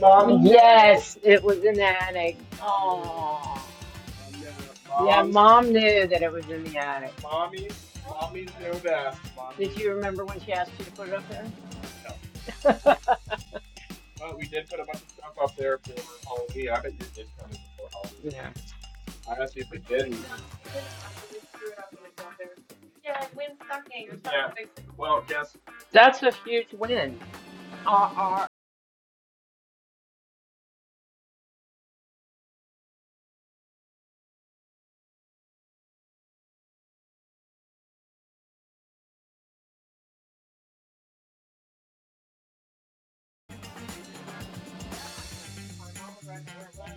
Mom, yes, it was in the attic. Oh, yeah, mom knew that it was in the attic. Mommies, mommies know best. Mommies. Did you remember when she asked you to put it up there? No, but we did did put a bunch of stuff up there for Halloween. Halloween. I bet you did come in before Halloween. Yeah. Honestly, if did. Yeah. Well, guess. That's a huge win.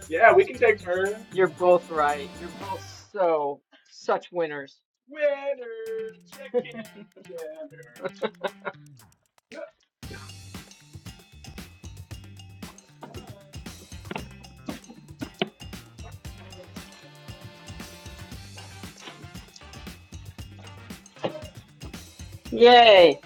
Yeah, we can take turns. You're both right. You're both so such winners. Winners chicken dinner. Yay!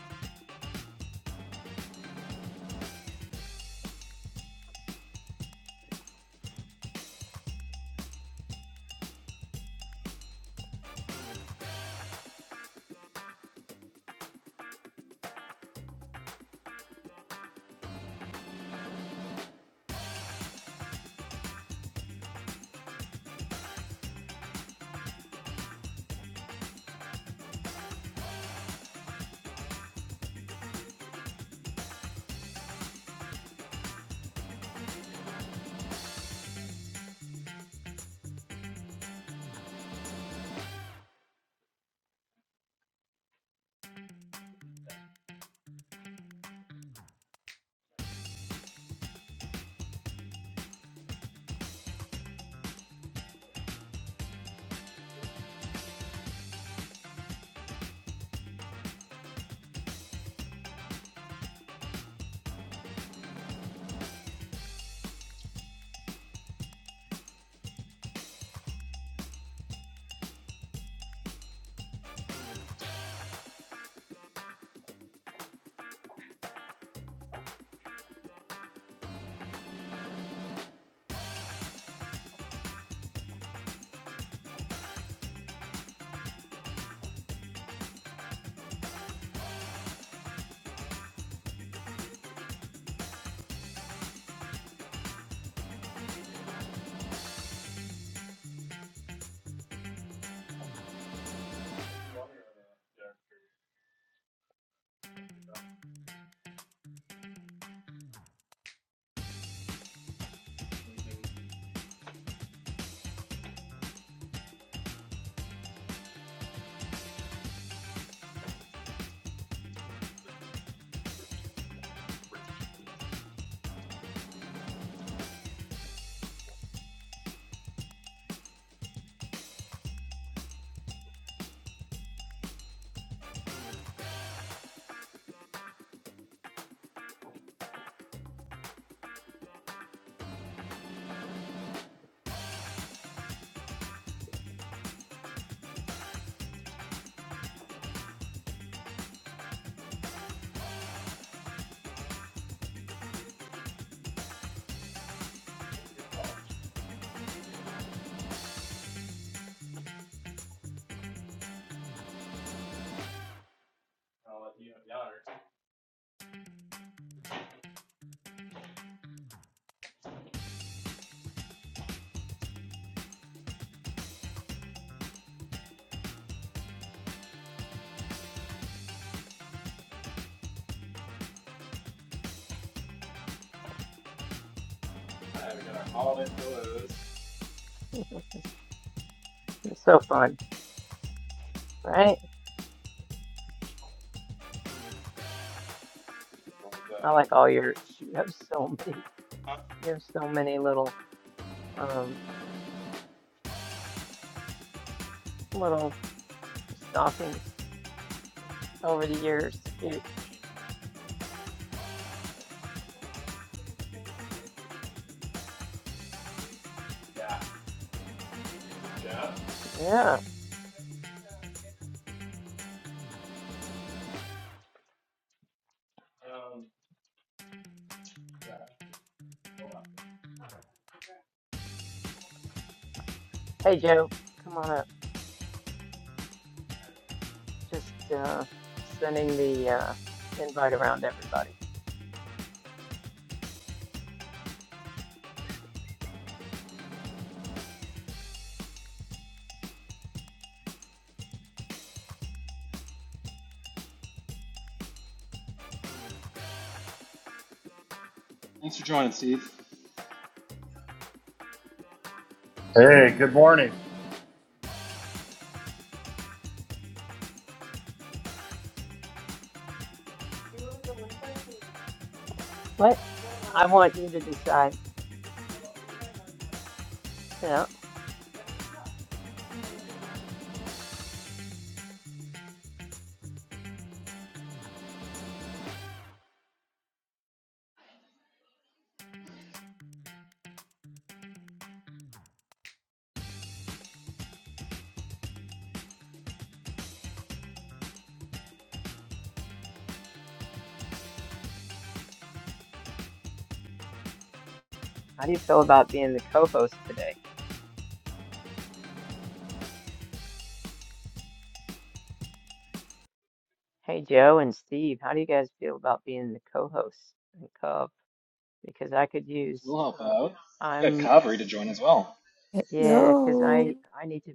You're so fun, right? I like all your. You have so many. You have so many little um little stockings over the years. It's cute. Yeah. yeah. Um, Hey, Joe, come on up. Just uh, sending the uh, invite around to everybody. Thanks for joining, Steve. Hey, good morning. What I want you to decide, you know, how do you feel about being the co-host today? Hey, Joe and Steve, how do you guys feel about being the co-host and co Because I could use, We'll help uh, out. We got I'm, Kaveri to join as well. yeah, because Hello, I I need to.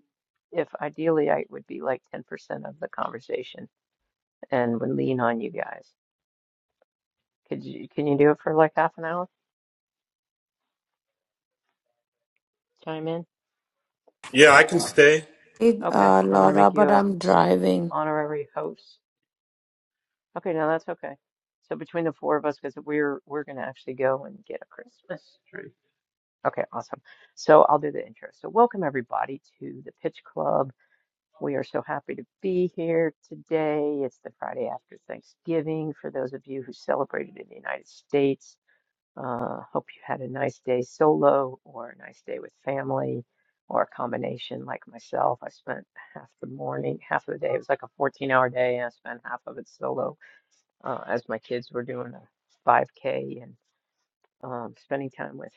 If ideally I would be like 10% of the conversation and would lean on you guys. Could you can you do it for like half an hour? Chime in? Yeah, I can stay. Hey, Okay, uh, I'm gonna Laura, make you but a I'm driving. honorary host. Okay, no, that's okay. So between the four of us, because we're we're gonna actually go and get a Christmas tree. Okay, awesome. So I'll do the intro. So welcome everybody to the Pitch Club. We are so happy to be here today. It's the Friday after Thanksgiving for those of you who celebrated in the United States. Uh, hope you had a nice day solo or a nice day with family or a combination like myself. I spent half the morning, half of the day, it was like a 14 hour day, and I spent half of it solo uh, as my kids were doing a 5K and um, spending time with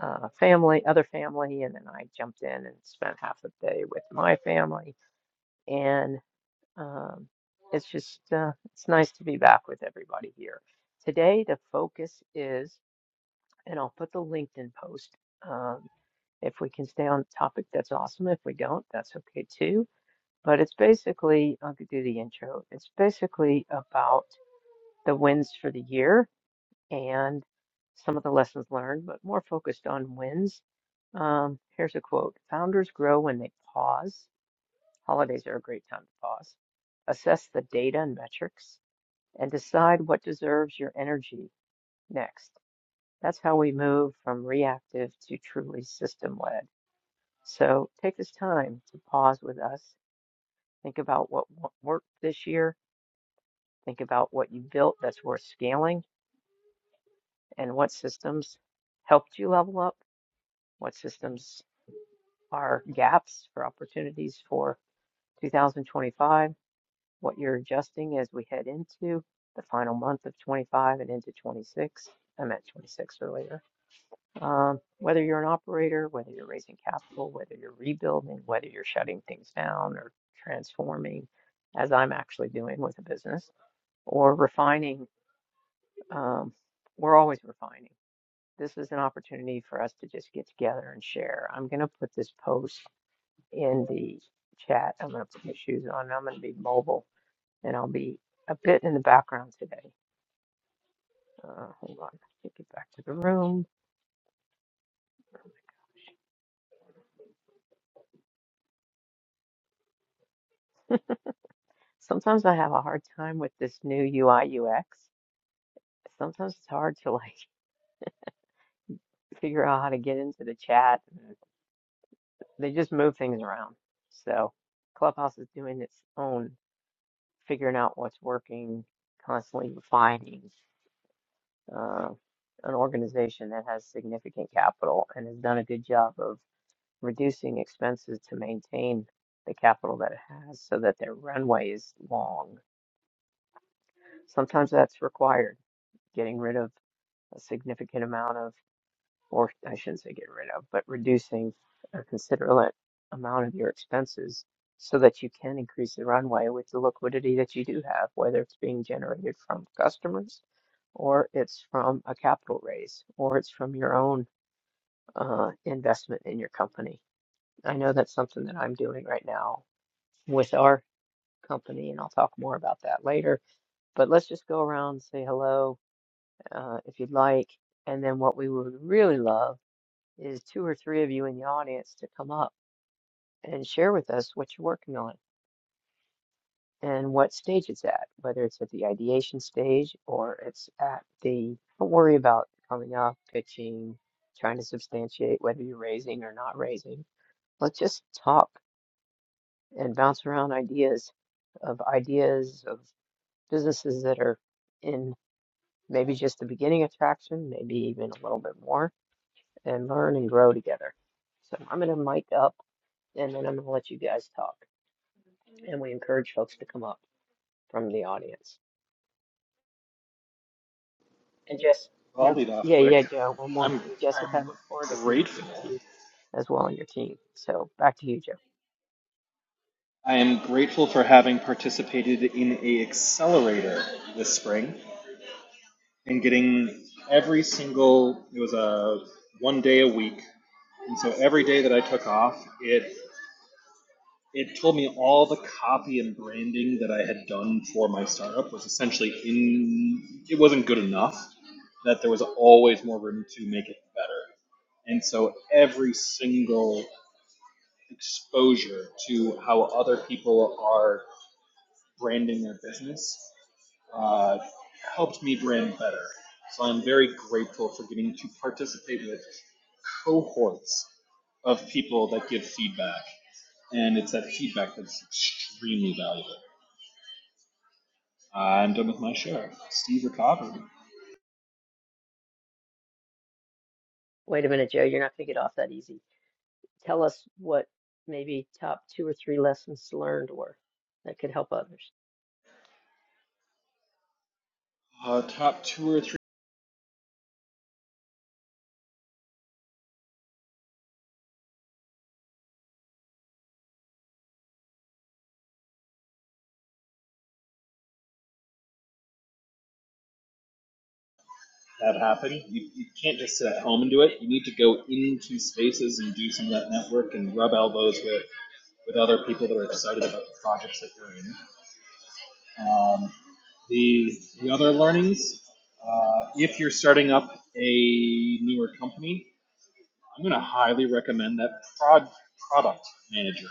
uh, family, other family. And then I jumped in and spent half the day with my family. And um, it's just, uh, it's nice to be back with everybody here. Today, the focus is and I'll put the LinkedIn post. Um, if we can stay on the topic, that's awesome. If we don't, that's okay too. But it's basically, I'll do the intro. It's basically about the wins for the year and some of the lessons learned, but more focused on wins. Um, here's a quote Founders grow when they pause. Holidays are a great time to pause. Assess the data and metrics and decide what deserves your energy next. That's how we move from reactive to truly system led. So take this time to pause with us. Think about what wo- worked this year. Think about what you built that's worth scaling and what systems helped you level up, what systems are gaps for opportunities for 2025, what you're adjusting as we head into the final month of 25 and into 26. I meant 26 earlier Um, whether you're an operator, whether you're raising capital, whether you're rebuilding, whether you're shutting things down or transforming, as I'm actually doing with a business, or refining, um, we're always refining. This is an opportunity for us to just get together and share. I'm going to put this post in the chat. I'm going to put my shoes on. I'm going to be mobile and I'll be a bit in the background today. Uh, hold on. Let me get back to the room. Sometimes I have a hard time with this new UI UX. sometimes it's hard to like figure out how to get into the chat. They just move things around. So Clubhouse is doing its own figuring out what's working, constantly refining. Uh, an organization that has significant capital and has done a good job of reducing expenses to maintain the capital that it has so that their runway is long. Sometimes that's required, getting rid of a significant amount of or I shouldn't say get rid of, but reducing a considerable amount of your expenses so that you can increase the runway with the liquidity that you do have, whether it's being generated from customers or it's from a capital raise or it's from your own uh, investment in your company. I know that's something that I'm doing right now with our company, and I'll talk more about that later. But let's just go around, and say hello uh, if you'd like. And then what we would really love is two or three of you in the audience to come up and share with us what you're working on and what stage it's at, whether it's at the ideation stage or it's at the don't worry about coming up, pitching, trying to substantiate whether you're raising or not raising. Let's just talk and bounce around ideas of ideas of businesses that are in maybe just the beginning of traction, maybe even a little bit more, and learn and grow together. So I'm going to mic up. and then I'm gonna let you guys talk. And we encourage folks to come up from the audience. And just, Well, I'll and lead off yeah, yeah, quick. Joe, one more I'm thing. Jessica, I I'm look forward to connecting with grateful. you as well and your team. So back to you, Joe. I am grateful for having participated in a accelerator this spring and getting every single. It was a one day a week, and so every day that I took off, it it told me all the copy and branding that I had done for my startup was essentially in it wasn't good enough that there was always more room to make it better. And so every single exposure to how other people are branding their business uh, helped me brand better. So I'm very grateful for getting to participate with cohorts of people that give feedback. And it's that feedback that's extremely valuable. Uh, I'm done with my share. Steve recovered. Wait a minute, Joe, you're not gonna get off that easy. Tell us what maybe top two or three lessons learned were that could help others. Uh, top two or three that happen. You, you can't just sit at home and do it. You need to go into spaces and do some of that network and rub elbows with, with other people that are excited about the projects that you're in. Um, The the other learnings, uh, if you're starting up a newer company, I'm going to highly recommend that prod product manager.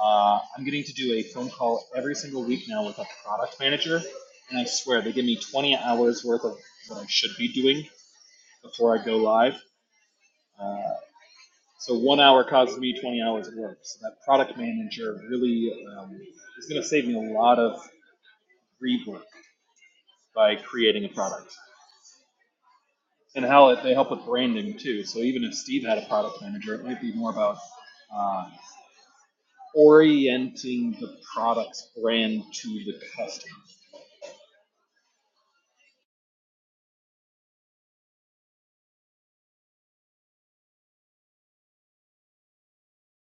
Uh, I'm getting to do a phone call every single week now with a product manager, and I swear they give me 20 hours worth of what I should be doing before I go live. Uh, so one hour causes me 20 hours of work. So that product manager really um, is going to save me a lot of rework by creating a product. and how it, they help with branding too. So even if Steve had a product manager, it might be more about uh, orienting the product's brand to the customer.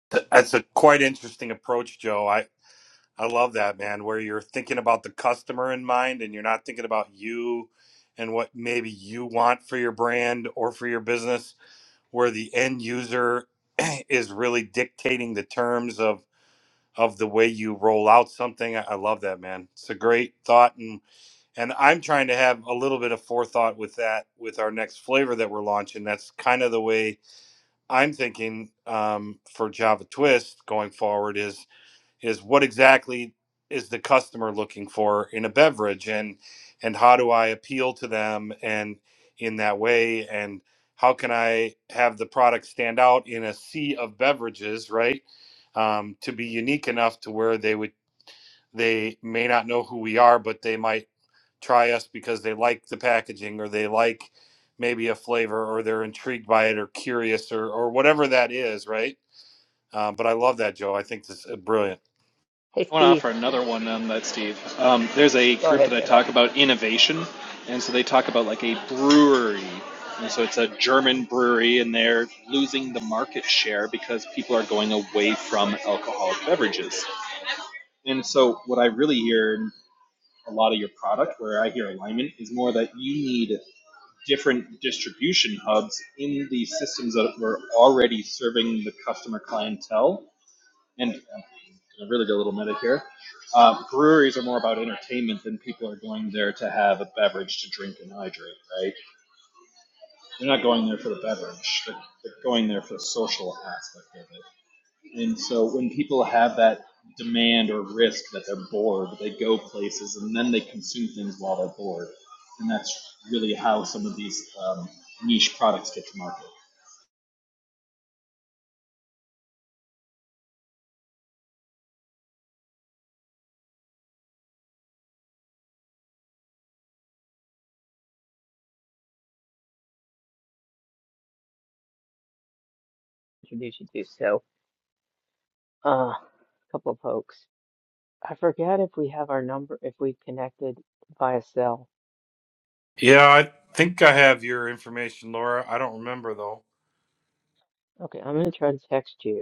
Th- That's a quite interesting approach, Joe. I I love that, man, where you're thinking about the customer in mind and you're not thinking about you and what maybe you want for your brand or for your business, where the end user is really dictating the terms of of the way you roll out something. I I love that, man. It's a great thought and and I'm trying to have a little bit of forethought with that with our next flavor that we're launching. That's kind of the way I'm thinking um, for Java Twist going forward is is what exactly is the customer looking for in a beverage, and and how do I appeal to them and in that way, and how can I have the product stand out in a sea of beverages, right? Um, to be unique enough to where they would they may not know who we are, but they might try us because they like the packaging or they like maybe a flavor or they're intrigued by it or curious or, or whatever that is, right? Um, but I love that, Joe. I think this is brilliant. Hey, I want to Steve, offer another one on that, Steve. Um, there's a go group that ahead, I Joe. talk about innovation, and so they talk about like a brewery. And so it's a German brewery, and they're losing the market share because people are going away from alcoholic beverages. And so, what I really hear in a lot of your product, where I hear alignment, is more that you need different distribution hubs in the systems that were already serving the customer clientele. And I'm gonna really go a little meta here. Uh, breweries are more about entertainment than people are going there to have a beverage to drink and hydrate, right? They're not going there for the beverage. They're, they're going there for the social aspect of it. And so when people have that demand or risk that they're bored, they go places and then they consume things while they're bored. And that's really how some of these um, niche products get to market. Introduce you to so uh, couple of folks. I forget if we have our number, if we connected via cell. Yeah, I think I have your information, Laura. I don't remember though. Okay, I'm gonna try to text you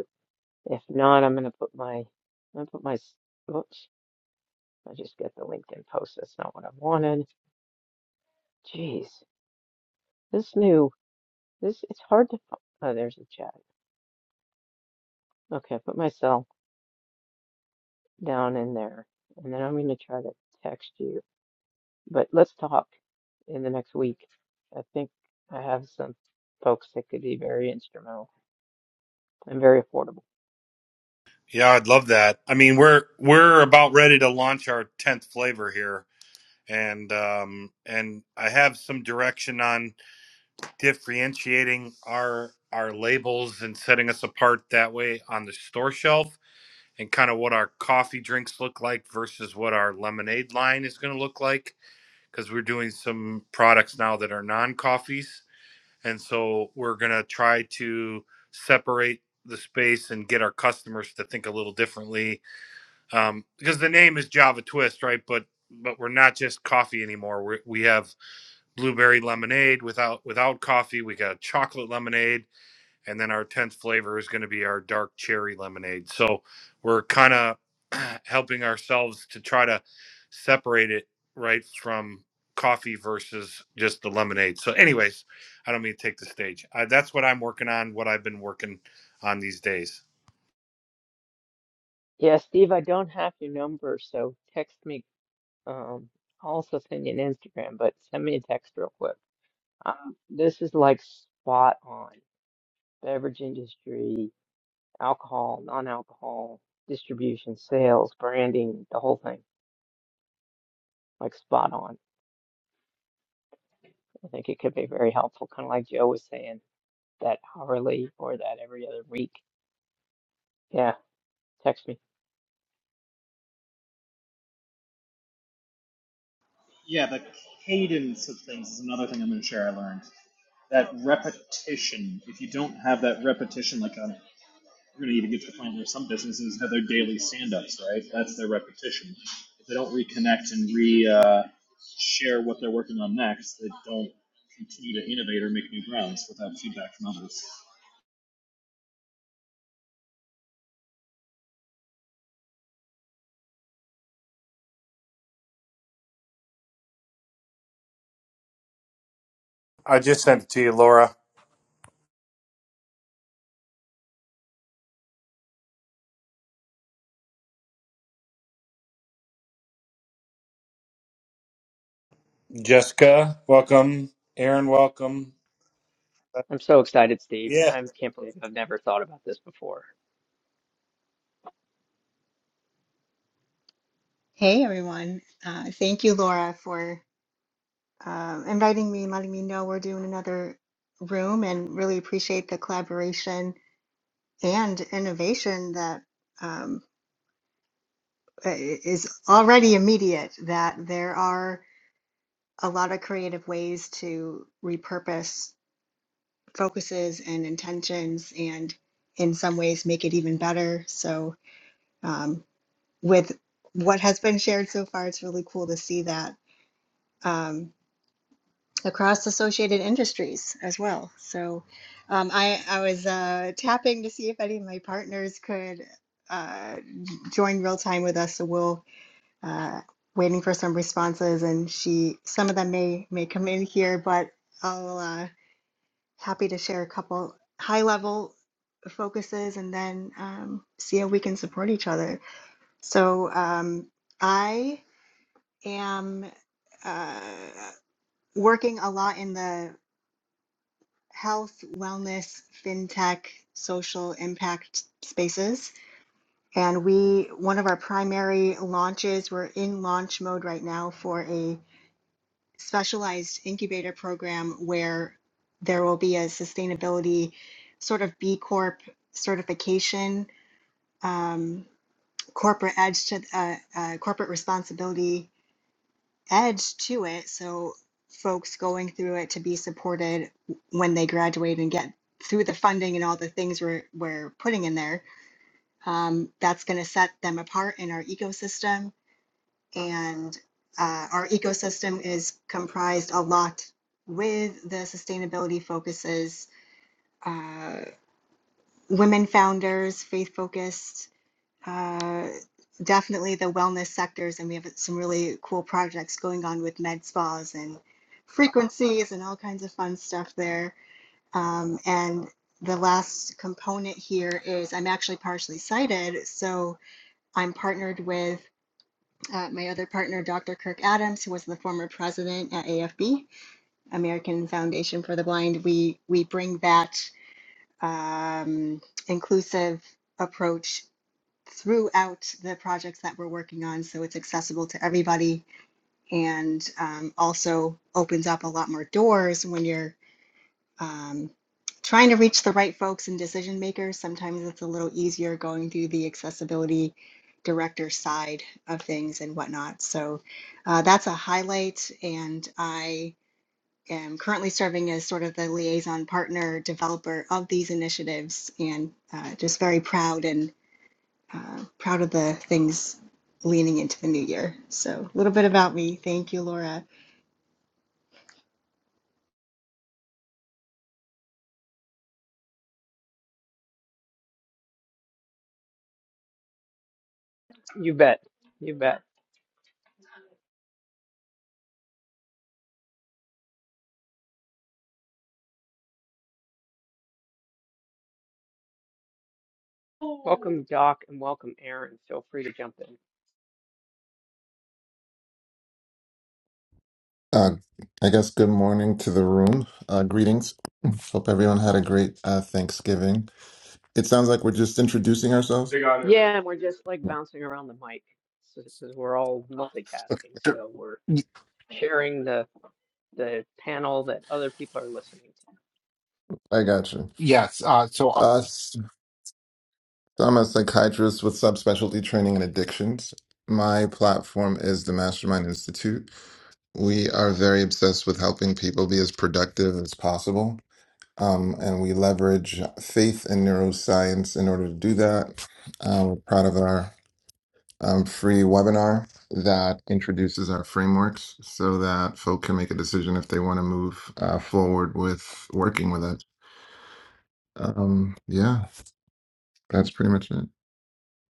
If not, I'm gonna put my, I'm gonna put my, oops, I just got the LinkedIn post. That's not what I wanted. Jeez, this new, this, it's hard to, fi- oh, there's a chat. Okay, I put myself down in there and then I'm gonna try to text you. But let's talk in the next week. I think I have some folks that could be very instrumental and very affordable. Yeah, I'd love that. I mean, we're we're about ready to launch our tenth flavor here, and um, and I have some direction on differentiating our our labels and setting us apart that way on the store shelf and kind of what our coffee drinks look like versus what our lemonade line is going to look like because we're doing some products now that are non coffees. And so we're going to try to separate the space and get our customers to think a little differently um, because the name is Java Twist, right? But but we're not just coffee anymore. we we have blueberry lemonade without without coffee. We got chocolate lemonade and then our 10th flavor is going to be our dark cherry lemonade so we're kind of helping ourselves to try to separate it right from coffee versus just the lemonade so anyways i don't mean to take the stage uh, that's what i'm working on what i've been working on these days Yeah, Steve, I don't have your number, so text me. Um, I'll also send you an Instagram, but send me a text real quick. Um, this is like spot on. Beverage industry, alcohol, non-alcohol, distribution, sales, branding, the whole thing, like spot on. I think it could be very helpful, kind of like Joe was saying, that hourly or that every other week. Yeah, text me. Yeah, the cadence of things is another thing I'm going to share I learned. That repetition, if you don't have that repetition, like a We're going to even get to the point where some businesses have their daily stand-ups, right? That's their repetition. If they don't reconnect and re uh, share what they're working on next, they don't continue to innovate or make new grounds without feedback from others. I just sent it to you, Laura. Jessica, welcome. Aaron, welcome. I'm so excited, Steve. Yeah. I can't believe I've never thought about this before. Hey everyone. Uh, thank you, Laura, for uh, inviting me and letting me know we're doing another room and really appreciate the collaboration and innovation that um, i- is already immediate, that there are a lot of creative ways to repurpose focuses and intentions and in some ways make it even better. So um, with what has been shared so far, it's really cool to see that. Um, across associated industries as well. So um, I, I was uh, tapping to see if any of my partners could uh, join real time with us. So we'll uh, waiting for some responses, and she some of them may may come in here, but I'll uh, happy to share a couple high level focuses and then um, see how we can support each other. So um, I am uh, working a lot in the health, wellness, fintech, social impact spaces. And we, one of our primary launches, we're in launch mode right now for a specialized incubator program where there will be a sustainability sort of B Corp certification, um, corporate edge to uh, uh, corporate responsibility edge to it so folks going through it to be supported when they graduate and get through the funding and all the things we're, we're putting in there um, that's going to set them apart in our ecosystem and uh, our ecosystem is comprised a lot with the sustainability focuses uh, women founders faith focused uh, definitely the wellness sectors, and we have some really cool projects going on with med spas and frequencies and all kinds of fun stuff there. Um, and the last component here is I'm actually partially sighted, so I'm partnered with uh, my other partner, Dr. Kirk Adams, who was the former president at AFB, American Foundation for the Blind. We we bring that um, inclusive approach throughout the projects that we're working on so it's accessible to everybody and um, also opens up a lot more doors when you're um, trying to reach the right folks and decision makers sometimes it's a little easier going through the accessibility director side of things and whatnot so uh, that's a highlight and i am currently serving as sort of the liaison partner developer of these initiatives and uh, just very proud and uh, proud of the things leaning into the new year. So, a little bit about me. Thank you, Laura. You bet. You bet. Welcome, Doc, and welcome, Aaron. Feel free to jump in. Uh, I guess good morning to the room. Uh, greetings. Hope everyone had a great uh, Thanksgiving. It sounds like we're just introducing ourselves. They got it. Yeah, and we're just like bouncing around the mic because we're all multitasking. Sure. So we're Y- sharing the the panel that other people are listening I got you. Yes. Uh, so, Uh, so I'm a psychiatrist with subspecialty training in addictions. My platform is the Mastermind Institute. We are very obsessed with helping people be as productive as possible. Um, and we leverage faith and neuroscience in order to do that. Uh, we're proud of our um, free webinar that introduces our frameworks so that folk can make a decision if they want to move uh, forward with working with it. Um, yeah, that's pretty much it.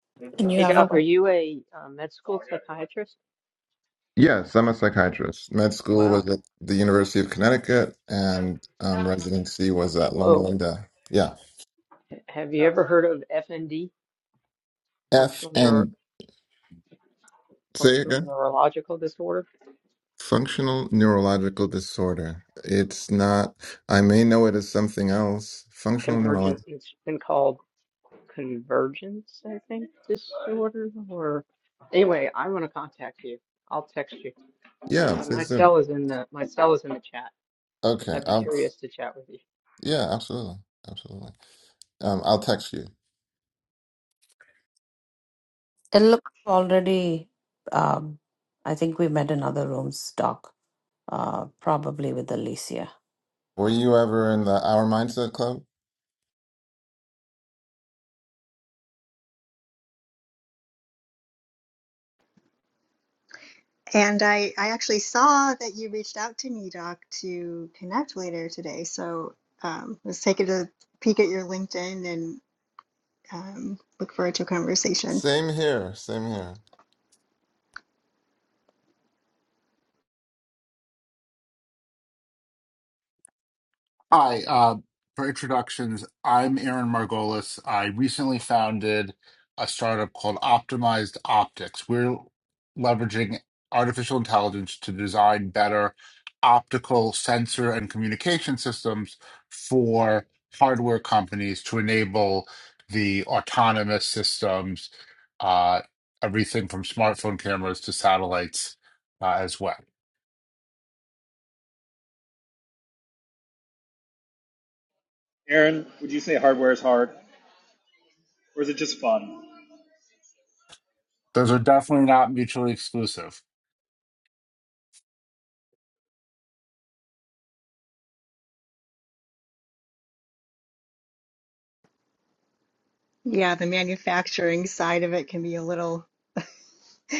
to. And you Hey, have a Doc, are what? you a uh, med school psychiatrist? Yes, I'm a psychiatrist. Med school was Wow. at the University of Connecticut, and um, residency was at Loma Whoa. Linda. Yeah. H- Have you ever heard of FND, F functional neur and say it functional again. neurological disorder? Functional neurological disorder. It's not, I may know it as something else. Functional Convergent, neurological. it's been called convergence, I think, disorder. Or anyway, I want to contact you. I'll text you. Yeah, Uh, My please do. cell is in the my cell is in the chat. Okay, I'd be I'll curious to chat with you. Yeah, absolutely. Absolutely. Um, I'll text you. It looks already, um, I think we met in other rooms, Doc, uh, probably with Alicia. Were you ever in the Our Mindset Club? And I, I actually saw that you reached out to me, Doc, to connect later today. So, um, let's take a peek at your LinkedIn and um, look forward to a conversation. Same here. Same here. I, uh, for introductions, I'm Aaron Margolis. I recently founded a startup called Optimized Optics. We're leveraging artificial intelligence to design better optical sensor and communication systems for hardware companies to enable the autonomous systems, uh, everything from smartphone cameras to satellites, uh, as well. Aaron, would you say hardware is hard, or is it just fun? Those are definitely not mutually exclusive. Yeah, the manufacturing side of it can be a little,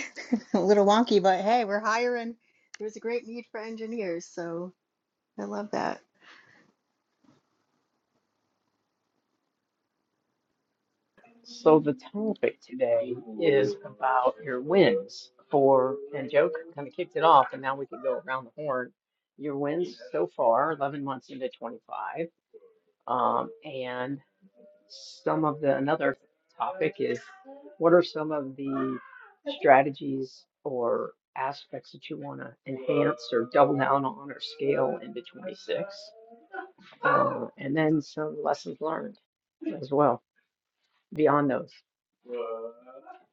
a little wonky, but hey, we're hiring. There's a great need for engineers, so I love that. So the topic today is about your wins for, and Joe kind of kicked it off, and now we can go around the horn. Your wins so far, 11 months into 25, um, and some of the another topic is what are some of the strategies or aspects that you want to enhance or double down on or scale into 26, uh, and then some lessons learned as well. beyond those.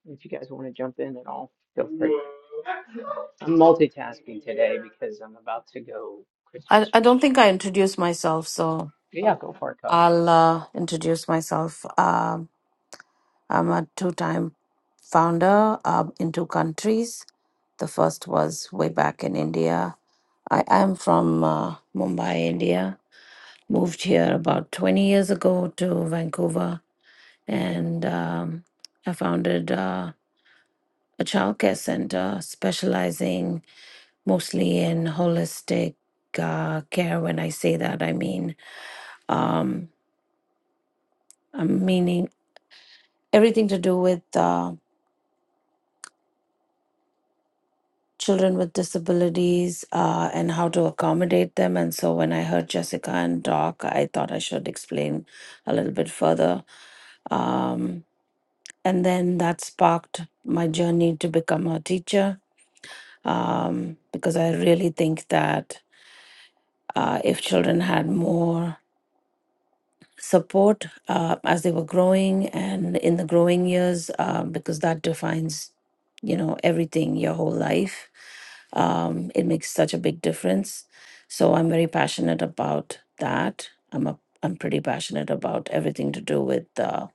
If you guys want to jump in at all, feel free. I'm multitasking today because I'm about to go Christmas I, I tree don't think shopping. I introduced myself, so Yeah, go for it, Co. I'll uh, introduce myself. Um I'm a two time founder uh, in two countries. The first was way back in India. I am from uh, Mumbai, India. Moved here about 20 years ago to Vancouver, and um, I founded uh, a childcare center specializing mostly in holistic uh, care. When I say that, I mean um, I'm meaning everything to do with. Uh, children with disabilities uh, and how to accommodate them. And so when I heard Jessica and talk, I thought I should explain a little bit further. Um, and then that sparked my journey to become a teacher um, because I really think that uh, if children had more support uh, as they were growing and in the growing years uh, because that defines you know everything your whole life um, it makes such a big difference so i'm very passionate about that i'm a i'm pretty passionate about everything to do with uh,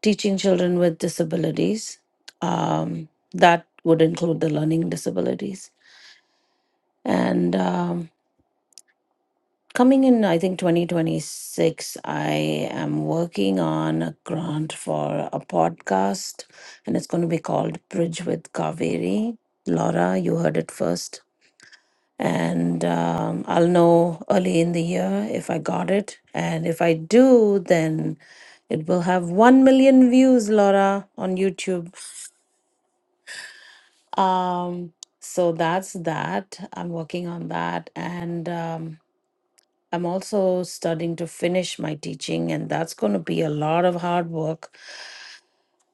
teaching children with disabilities um, that would include the learning disabilities and um, Coming in, I think 2026, I am working on a grant for a podcast, and it's going to be called Bridge with Kaveri. Laura, you heard it first. And um, I'll know early in the year if I got it. And if I do, then it will have 1 million views, Laura, on YouTube. Um, so that's that. I'm working on that. And. Um, I'm also studying to finish my teaching, and that's going to be a lot of hard work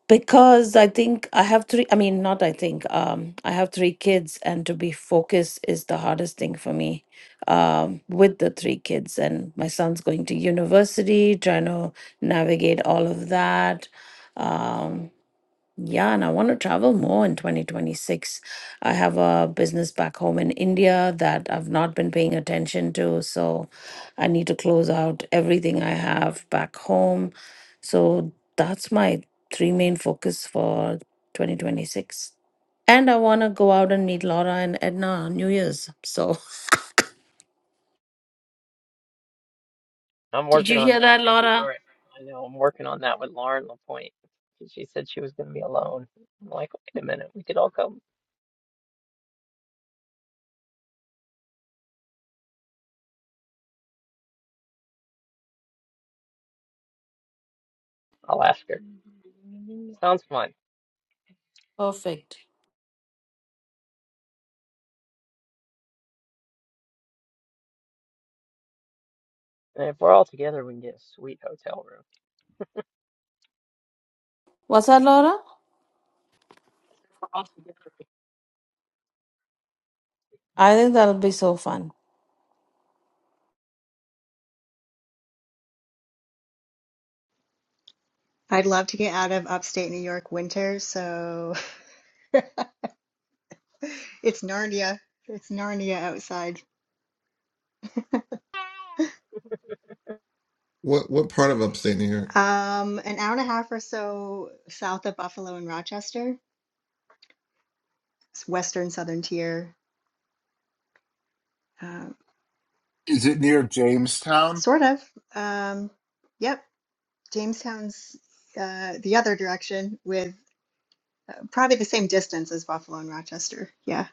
because I think I have three. I mean, not I think, um, I have three kids, and to be focused is the hardest thing for me um, with the three kids. And my son's going to university, trying to navigate all of that. Um. Yeah, and I want to travel more in 2026. I have a business back home in India that I've not been paying attention to, so I need to close out everything I have back home. So that's my three main focus for 2026. And I want to go out and meet Laura and Edna on New Year's. So, I'm did working you on hear that that, with Laura? Lauren. I know I'm working on that with Lauren Lapointe. She said she was going to be alone. I'm like, wait a minute, we could all come. I'll ask her. Sounds fun. Perfect. And if we're all together, we can get a sweet hotel room. What's that, Laura? I think that'll be so fun. I'd love to get out of upstate New York winter, so It's Narnia. It's Narnia outside. What what part of upstate New York? Um, an hour and a half or so south of Buffalo and Rochester. It's Western Southern Tier, uh, Is it near Jamestown? sort of. Um, yep, Jamestown's uh, the other direction with uh, probably the same distance as Buffalo and Rochester. Yeah.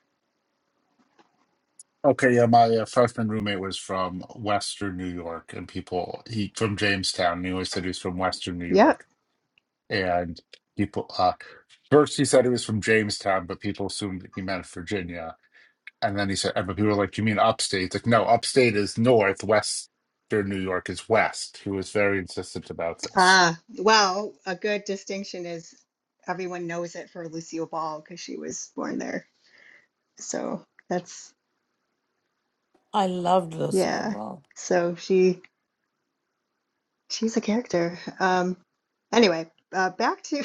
Okay, yeah, my uh, freshman roommate was from Western New York, and people he from Jamestown. And he always said he was from Western New Yep. York, and people uh, first he said he was from Jamestown, but people assumed he meant Virginia, and then he said, but people were like, "You mean upstate?" It's like, no, upstate is north. Western New York is west. He was very insistent about this. Ah, well, a good distinction is everyone knows it for Lucille Ball because she was born there. So that's, I loved yeah. Lucille So she. She's a character. Um, anyway, uh, back to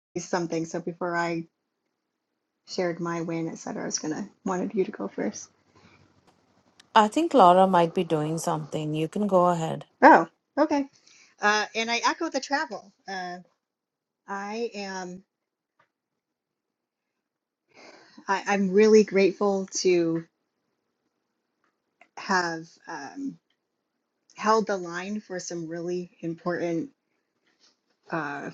something. So before I shared my win, et cetera, I was gonna wanted you to go first. I think Laura might be doing something. You can go ahead. Oh, okay. Uh, and I echo the travel. Uh, I am. I, I'm really grateful to have um, held the line for some really important uh,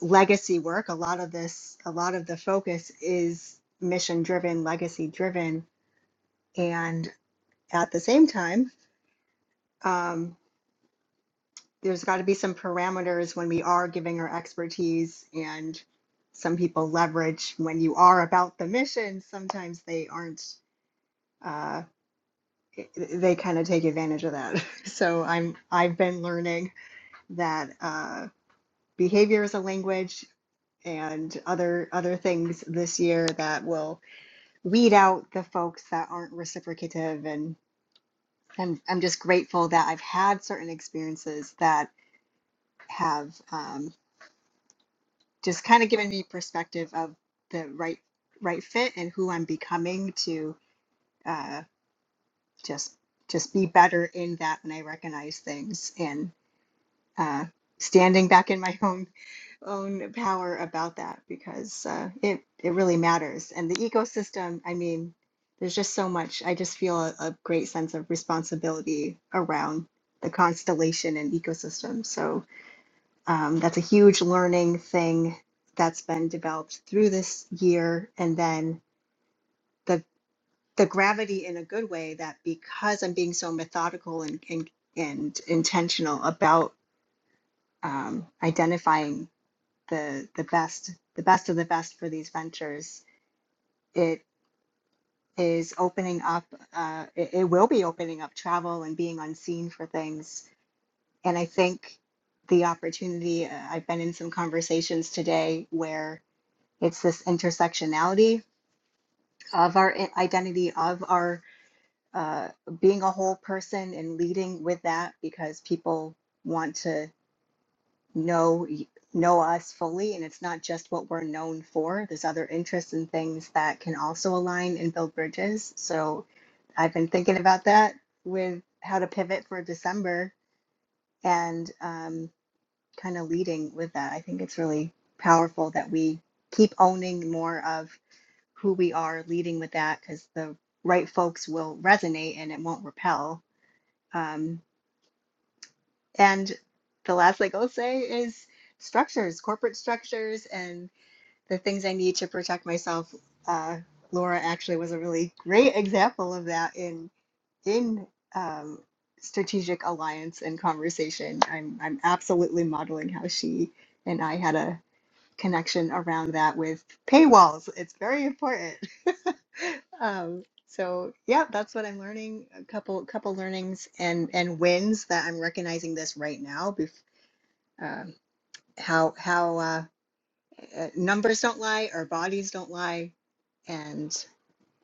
legacy work. A lot of this, a lot of the focus is mission driven, legacy driven, and at the same time. Um, there's got to be some parameters when we are giving our expertise and some people leverage when you are about the mission sometimes they aren't uh, eh, they kind of take advantage of that so i'm i've been learning that uh, behavior is a language and other other things this year that will weed out the folks that aren't reciprocative and i'm, I'm just grateful that i've had certain experiences that have um, just kind of giving me perspective of the right right fit and who I'm becoming to uh, just just be better in that when I recognize things and uh, standing back in my own own power about that because uh, it it really matters and the ecosystem I mean there's just so much I just feel a, a great sense of responsibility around the constellation and ecosystem so um, that's a huge learning thing that's been developed through this year. And then the the gravity in a good way that because I'm being so methodical and and, and intentional about um, identifying the the best the best of the best for these ventures, it is opening up. Uh, it, it will be opening up travel and being unseen for things. And I think the opportunity. Uh, I've been in some conversations today where It's this intersectionality of our identity, of our uh, being a whole person and leading with that because people want to know know us fully and it's not just what we're known for there's other interests and things that can also align and build bridges so i've been thinking about that with how to pivot for december and um, kind of leading with that i think it's really powerful that we keep owning more of who we are leading with that because the right folks will resonate and it won't repel. Um, and the last thing I'll say is structures, corporate structures, and the things I need to protect myself. Uh, Laura actually was a really great example of that in in um, strategic alliance and conversation. I'm I'm absolutely modeling how she and I had a connection around that with paywalls. It's very important. um, so yeah, that's what I'm learning. A couple couple learnings and and wins that I'm recognizing this right now. Bef- um, how how uh, uh, numbers don't lie, or bodies don't lie, and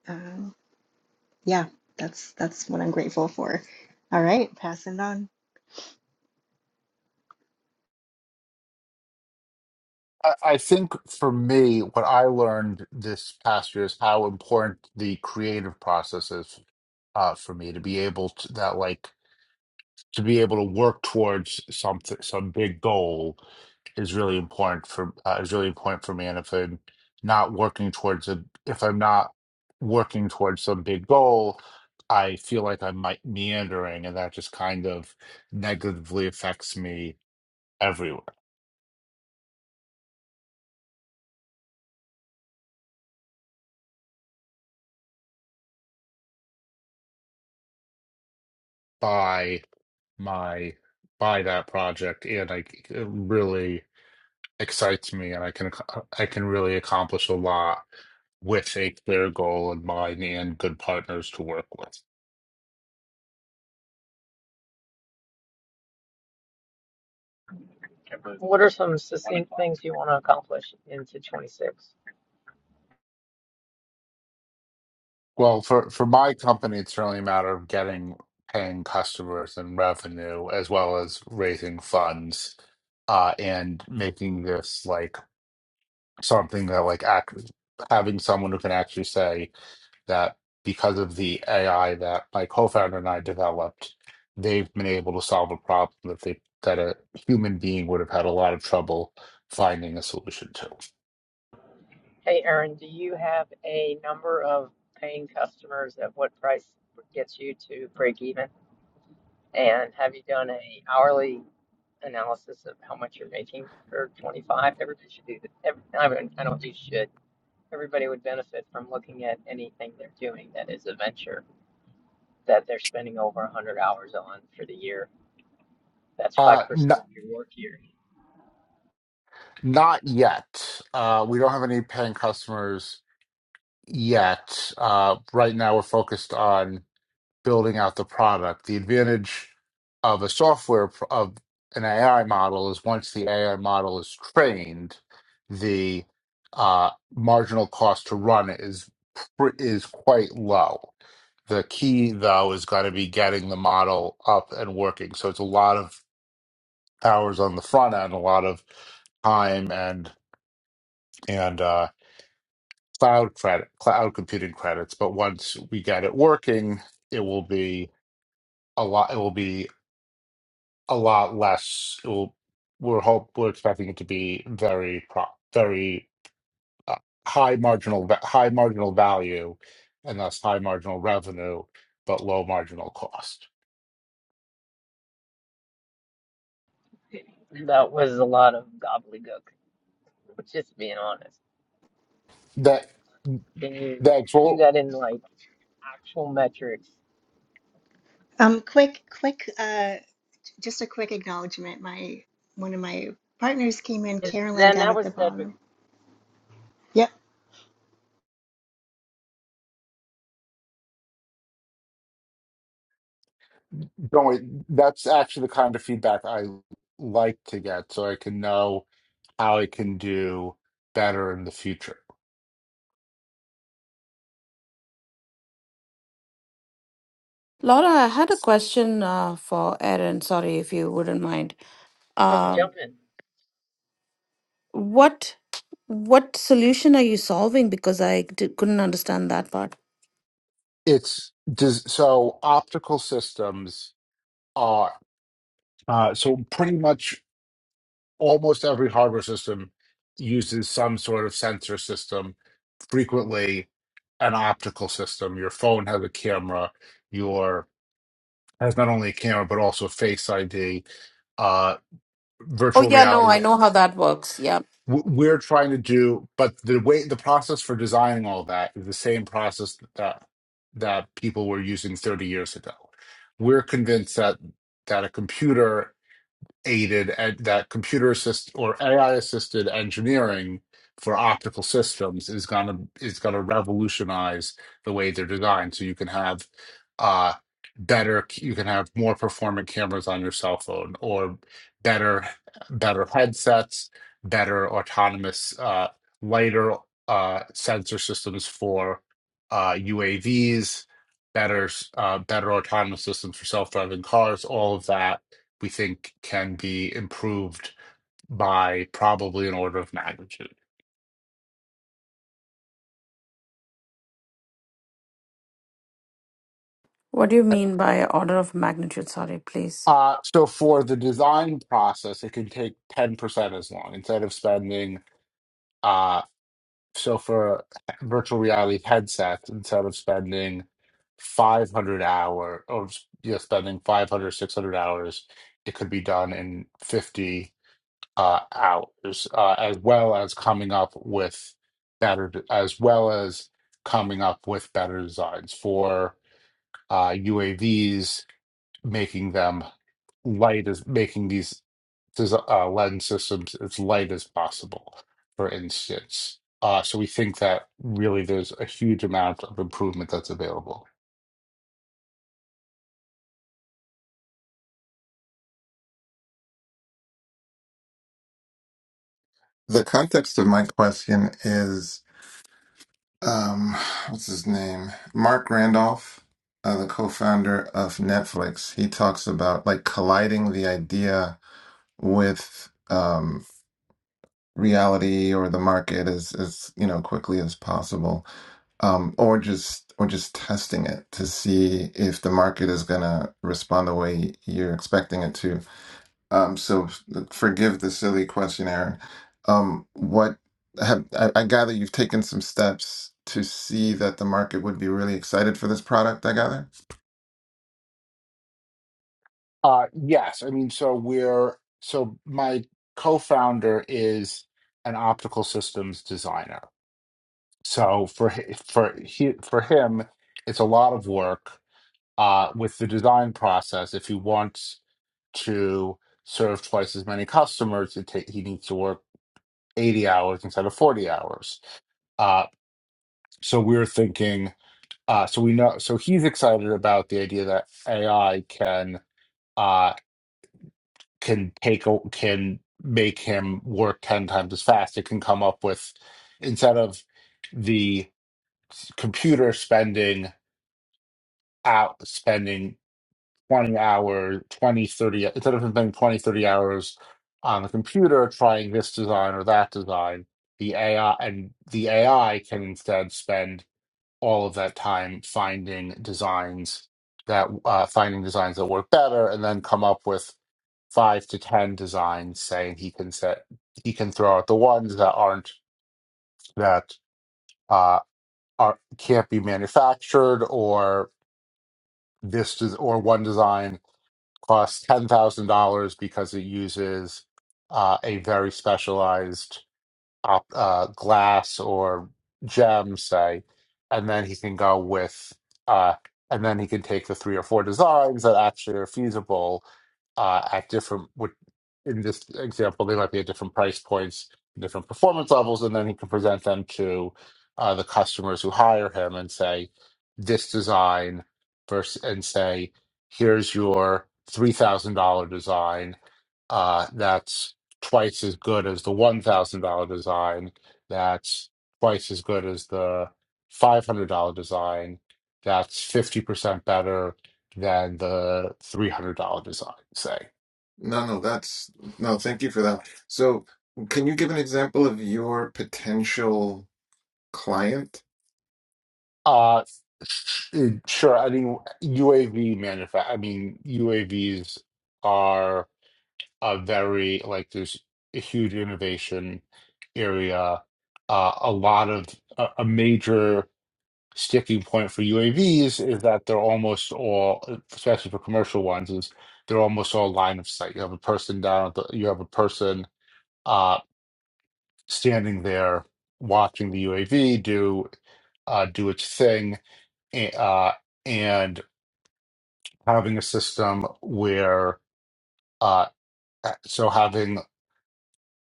um, yeah, that's that's what I'm grateful for. All right, passing it on. I I think for me, what I learned this past year is how important the creative process is uh, for me to be able to that like to be able to work towards something some big goal is really important for uh, is really important for me. And if I'm not working towards a if I'm not working towards some big goal, I feel like I'm like meandering, and that just kind of negatively affects me everywhere. by my by that project and I it really excites me and I can ac- I can really accomplish a lot with a clear goal in mind and good partners to work with. What are some succinct things you want to accomplish into 26? Well, for for my company, it's really a matter of getting paying customers and revenue as well as raising funds uh and making this like something that like act having someone who can actually say that because of the AI that my co-founder and I developed, they've been able to solve a problem that they that a human being would have had a lot of trouble finding a solution to. Hey, Erin, do you have a number of paying customers at what price gets you to break even? And have you done a hourly analysis of how much you're making for 25? Everybody should do that. Every, I mean, I don't do shit. Everybody would benefit from looking at anything they're doing that is a venture that they're spending over 100 hours on for the year. That's 5% Uh, n- of your work year. not yet. Uh, we don't have any paying customers yet. Uh, right now, we're focused on building out the product. The advantage of a software pro- of an AI model is once the AI model is trained, the uh, marginal cost to run it is pr- is quite low. The key though is going to be getting the model up and working. So it's a lot of hours on the front end, a lot of time and and uh, cloud credit, cloud computing credits. But once we get it working, it will be a lot. It will be a lot less. It will, we're hope we're expecting it to be very pro, very uh, high marginal va- high marginal value, and thus high marginal revenue, but low marginal cost. That was a lot of gobbledygook, just being honest. That Can you that's do all that in like actual metrics Um, quick quick uh, just a quick acknowledgement. My one of my partners came in, Carolyn Then down that at the was said, but bottom. Yep. going. That's actually the kind of feedback I like to get, so I can know how I can do better in the future. Laura, I had a question uh, for Erin. Sorry if you wouldn't mind. I'm Um, jumping. what what solution are you solving? Because I d- couldn't understand that part. It's does so optical systems are uh, so pretty much almost every hardware system uses some sort of sensor system, frequently an optical system. Your phone has a camera, your has not only a camera but also face ID, uh, Oh virtual yeah, no, reality. I know how that works. Yeah. W- We're trying to do, but the way the process for designing all that is the same process that that people were using 30 years ago. We're convinced that that a computer aided and that computer assist or AI assisted engineering for optical systems is gonna is gonna revolutionize the way they're designed. So you can have uh better you can have more performant cameras on your cell phone or better better headsets, better autonomous uh lighter uh sensor systems for uh UAVs, better s- uh better autonomous systems for self-driving cars, all of that we think can be improved by probably an order of magnitude. What do you mean by order of magnitude? Sorry, please. Uh, so for the design process, it can take 10% as long instead of spending, uh, so for virtual reality headsets, instead of spending 500 hour or, you know, spending 500 600 hours, it could be done in 50. uh, out, as, uh, as well as coming up with better, as well as coming up with better designs for uh, UAVs, making them light as making these des- uh, lens systems as light as possible, for instance. Uh, so we think that really there's a huge amount of improvement that's available. The context of my question is um, what's his name? Mark Randolph, uh, the co-founder of Netflix. He talks about like colliding the idea with um, reality or the market as as you know quickly as possible. um, or just or just testing it to see if the market is gonna respond the way you're expecting it to. Um, so f- forgive the silly questionnaire. Um, what have I, I gather you've taken some steps to see that the market would be really excited for this product, I gather? Uh, yes, I mean, so we're so my co-founder is an optical systems designer so for hi- for he, for him it's a lot of work uh, with the design process if he wants to serve twice as many customers it ta- he needs to work 80 hours instead of 40 hours uh, so we're thinking uh, so we know so he's excited about the idea that ai can uh, can take o- can make him work 10 times as fast it can come up with instead of the computer spending out spending 20 hours, 20 30, instead of spending 20 30 hours on the computer trying this design or that design, the AI and the AI can instead spend all of that time finding designs that uh, finding designs that work better and then come up with five to 10 designs saying he can set, he can throw out the ones that aren't, that uh, are, can't be manufactured or this, des- or one design costs ten thousand dollars because it uses uh, a very specialized op- uh, glass or gem, say, and then he can go with, uh, and then he can take the three or four designs that actually are feasible uh, at different. With, in this example, they might be at different price points, different performance levels, and then he can present them to uh, the customers who hire him and say, "This design," versus and say, "Here's your three thousand dollar design." Uh, that's twice as good as the one thousand dollar design. That's twice as good as the five hundred dollar design. That's fifty percent better than the three hundred dollar design. Say, No, no, that's no, thank you for that. So can you give an example of your potential client? uh, sh- sure. I mean, UAV manufacture. I mean, UAVs are a very like there's a huge innovation area. Uh, a lot of a, a major sticking point for UAVs is that they're almost all, especially for commercial ones, is they're almost all line of sight. You have a person down, at the, you have a person uh, standing there watching the UAV do uh, do its thing, a- uh, and having a system where uh, so having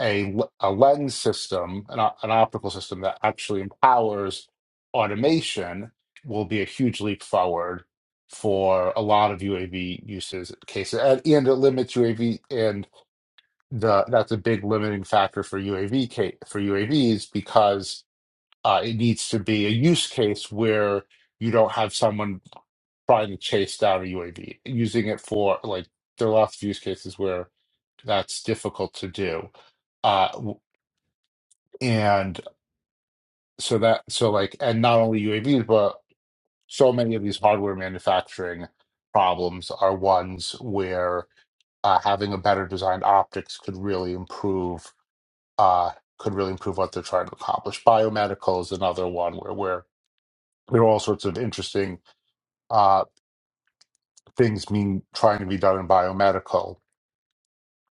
A a lens system, an, o- an optical system that actually empowers automation will be a huge leap forward for a lot of UAV uses cases, and, and it limits UAV, and the that's a big limiting factor for UAV ca- for UAVs because uh, it needs to be a use case where you don't have someone trying to chase down a UAV, using it for like there are lots of use cases where that's difficult to do and so that, so like, and not only UAVs, but so many of these hardware manufacturing problems are ones where uh, having a better designed optics could really improve, uh, could really improve what they're trying to accomplish. Biomedical is another one where, where there are all sorts of interesting uh, things being trying to be done in biomedical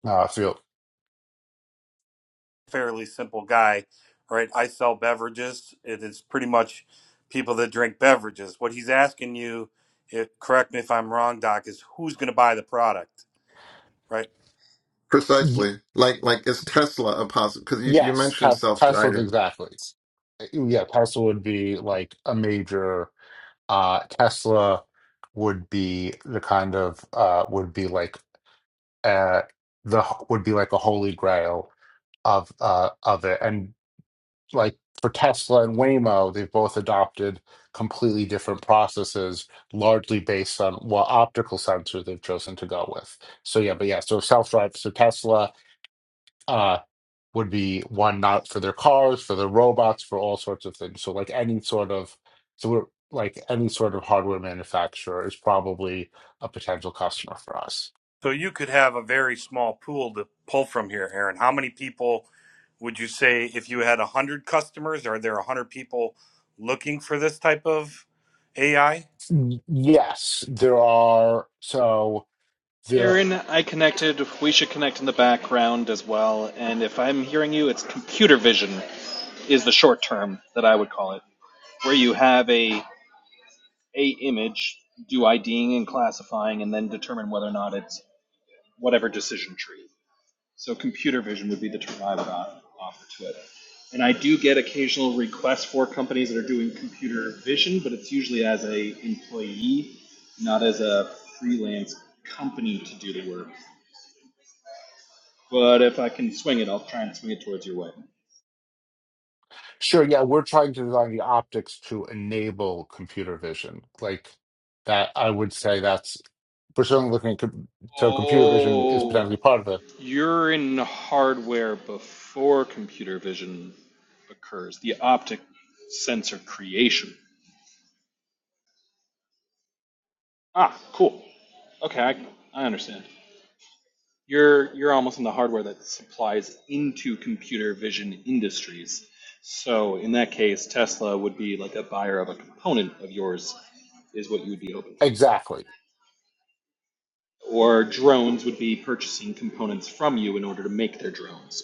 uh, field. fairly simple guy, right? I sell beverages. It is pretty much people that drink beverages. What he's asking you, if, correct me if I'm wrong, Doc, is who's going to buy the product, right? Y- Precisely. Like like is Tesla a possible because you, you yes, mentioned Tes- Tesla, self-driving. exactly. Uh, Yeah, Tesla would be like a major. uh, Tesla would be the kind of uh, would be like uh, the would be like a holy grail of uh, of it, and like for Tesla and Waymo, they've both adopted completely different processes, largely based on what optical sensor they've chosen to go with. So yeah, but yeah, so self drive, so Tesla. uh, would be one not for their cars, for their robots, for all sorts of things. So like any sort of so we're like any sort of hardware manufacturer is probably a potential customer for us. So you could have a very small pool to pull from here, Aaron. How many people would you say if you had 100 customers, are there 100 people looking for this type of AI? Y- Yes, there are so there Aaron, I connected. We should connect in the background as well. And if I'm hearing you, it's computer vision is the short term that I would call it, where you have a a image, do IDing and classifying, and then determine whether or not it's whatever decision tree. So computer vision would be the term I would offer to it. And I do get occasional requests for companies that are doing computer vision, but it's usually as a employee, not as a freelance company to do the work. But if I can swing it, I'll try and swing it towards your way. sure, yeah, we're trying to design the optics to enable computer vision. Like that I would say that's we're certainly looking at com- so computer vision is potentially Oh. part of it. You're in hardware before computer vision occurs, the optic sensor creation. Ah, cool. Okay, I, I understand. You're you're almost in the hardware that supplies into computer vision industries. So in that case, Tesla would be like a buyer of a component of yours, is what you would be hoping for. Exactly. or drones would be purchasing components from you in order to make their drones.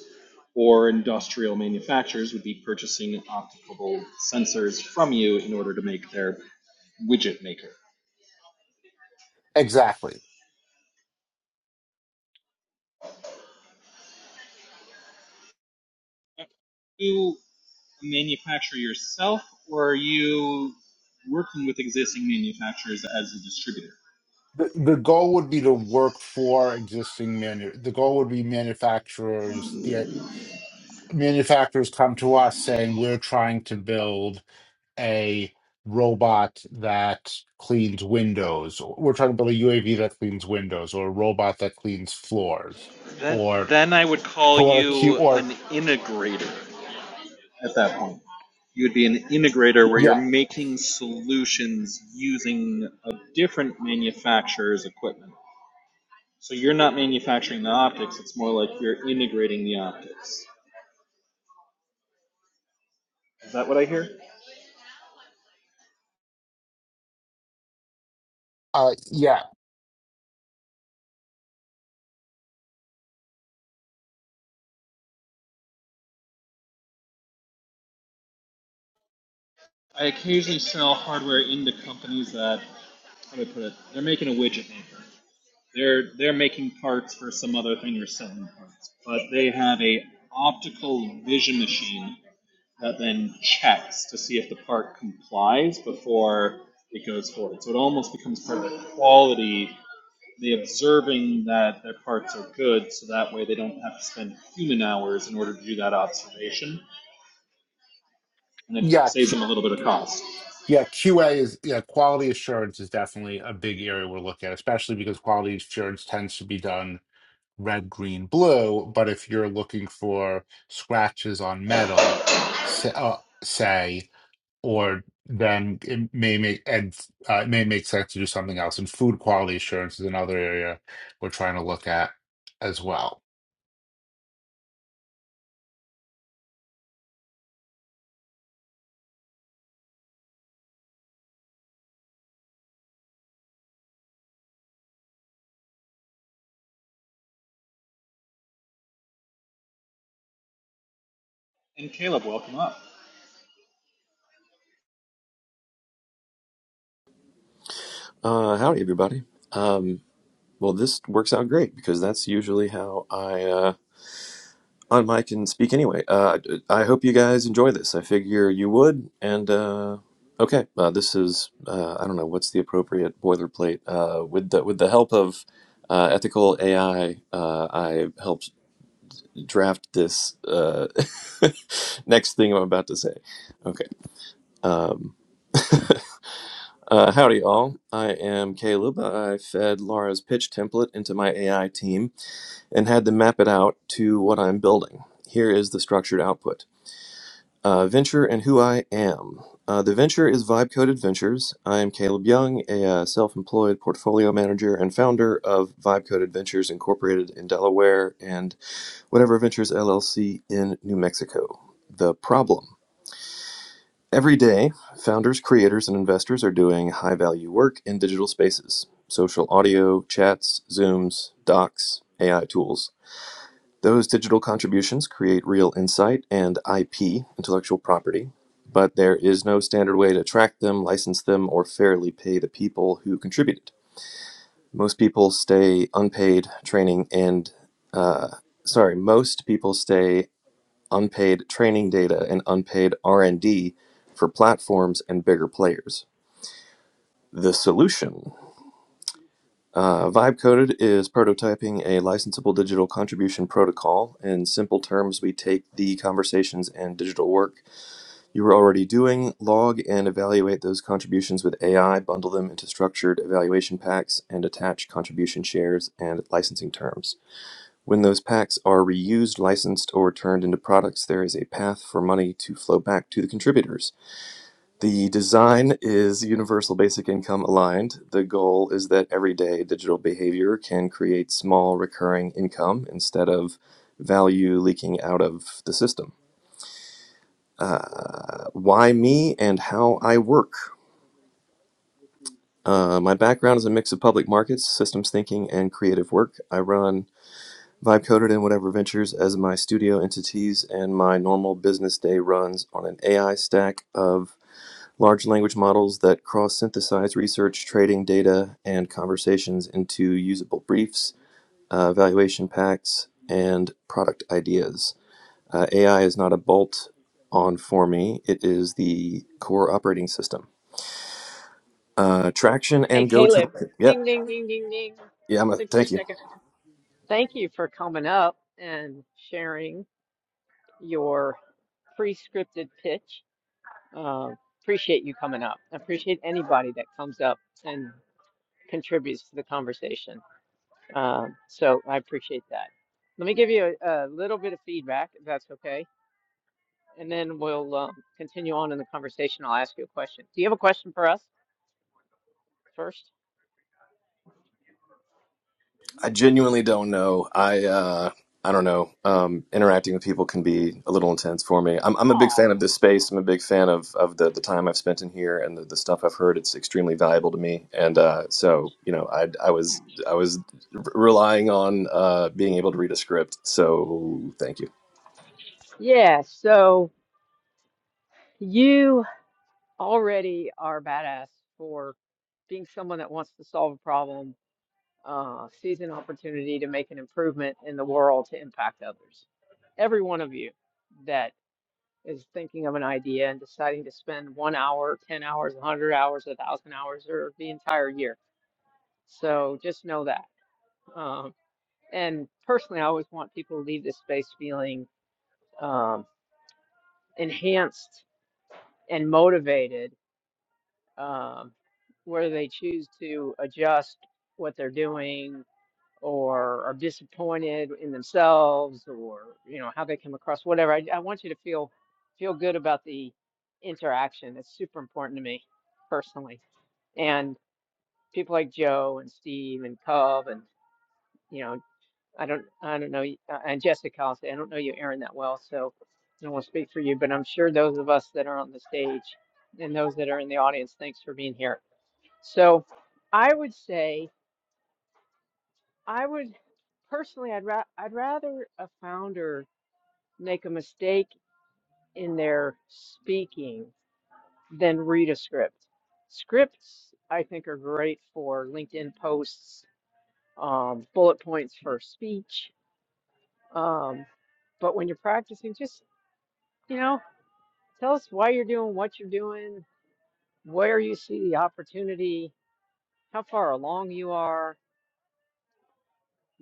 Or industrial manufacturers would be purchasing optical sensors from you in order to make their widget maker. Exactly. Do You manufacture yourself, or are you working with existing manufacturers as a distributor? The, the goal would be to work for existing manu. The goal would be manufacturers. The manufacturers come to us saying we're trying to build a robot that cleans windows. or We're trying to build a UAV that cleans windows, or a robot that cleans floors, Then, or then I would call or a Q you or an integrator. at that point. You would be an integrator where you're yeah, making solutions using a different manufacturer's equipment. So you're not manufacturing the optics, it's more like you're integrating the optics. Is that what I hear? uh, yeah, I occasionally sell hardware into companies that how do I put it? They're making a widget maker. They're they're making parts for some other thing You're selling parts, but they have a optical vision machine that then checks to see if the park complies before it goes forward. So it almost becomes part of the quality, the observing that their parks are good, so that way they don't have to spend human hours in order to do that observation, and it yeah. saves Q, them a little bit of cost. yeah, QA is yeah, quality assurance is definitely a big area we're looking at, especially because quality assurance tends to be done red, green, blue. But if you're looking for scratches on metal, say, uh, say or then it may make and uh, it may make sense to do something else. And food quality assurance is another area we're trying to look at as well. And Caleb, welcome up. Uh, howdy, everybody. Um, well, this works out great because that's usually how I uh, on mic and speak anyway. Uh, I hope you guys enjoy this. I figure you would. And uh, okay, uh, this is uh, I don't know what's the appropriate boilerplate. Uh, with the with the help of uh, ethical AI, uh, I helped draft this uh, next thing I'm about to say. Okay. Um, uh, howdy, all. I am Caleb. I fed Laura's pitch template into my AI team and had to map it out to what I'm building. Here is the structured output. Uh, venture and who I am. Uh, the venture is Vibe Coded Ventures. I am Caleb Young, a uh, self employed portfolio manager and founder of Vibe Coded Ventures Incorporated in Delaware and Whatever Ventures LLC in New Mexico. The problem. Every day, founders, creators, and investors are doing high value work in digital spaces social audio, chats, Zooms, docs, AI tools. Those digital contributions create real insight and IP, intellectual property, but there is no standard way to track them, license them, or fairly pay the people who contributed. Most people stay unpaid training and, uh, sorry, most people stay unpaid training data and unpaid R&D for platforms and bigger players. The solution Uh, Vibe coded is prototyping a licensable digital contribution protocol. In simple terms, we take the conversations and digital work you were already doing, log and evaluate those contributions with AI, bundle them into structured evaluation packs, and attach contribution shares and licensing terms. When those packs are reused, licensed, or turned into products, there is a path for money to flow back to the contributors. The design is universal basic income aligned. The goal is that everyday digital behavior can create small recurring income instead of value leaking out of the system. Uh, Why me and how I work? Uh, my background is a mix of public markets, systems thinking, and creative work. I run Vibe Coded and Whatever Ventures as my studio entities, and my normal business day runs on an AI stack of Large language models that cross synthesize research, trading data, and conversations into usable briefs, uh, valuation packs, and product ideas. Uh, AI is not a bolt on for me, it is the core operating system. Uh, traction Hey, and go to Caleb. market. Yep. Ding, ding, ding, ding, ding. Yeah, I'm a, 60 thank seconds. you. Thank you for coming up and sharing your pre scripted pitch. Uh, appreciate you coming up. I appreciate anybody that comes up and contributes to the conversation. Um, so I appreciate that. Let me give you a, a little bit of feedback, if that's okay. And then we'll um, continue on in the conversation. I'll ask you a question. Do you have a question for us first? I genuinely don't know. I uh, I don't know. Um, interacting with people can be a little intense for me. I'm I'm a big Oh. fan of this space. I'm a big fan of of the the time I've spent in here and the, the stuff I've heard. It's extremely valuable to me. And uh, so you know, I I was I was r- relying on uh, being able to read a script. So thank you. Yeah, so you already are badass for being someone that wants to solve a problem, uh, sees an opportunity to make an improvement in the world to impact others. Every one of you that is thinking of an idea and deciding to spend one hour, 10 hours, 100 hours, 1,000 hours, or the entire year. So just know that. Um, and personally, I always want people to leave this space feeling um, enhanced and motivated um, where they choose to adjust what they're doing or are disappointed in themselves or you know how they come across whatever I, I want you to feel feel good about the interaction it's super important to me personally and people like joe and steve and cub and you know i don't i don't know y- uh, and jessica i'll say i don't know you aaron that well so i don't want to speak for you but i'm sure those of us that are on the stage and those that are in the audience thanks for being here so I would say I would personally I'd ra- I'd rather a founder make a mistake in their speaking than read a script. Scripts I think are great for LinkedIn posts, um, bullet points for speech. Um, but when you're practicing, just you know, tell us why you're doing what you're doing, where you see the opportunity, how far along you are,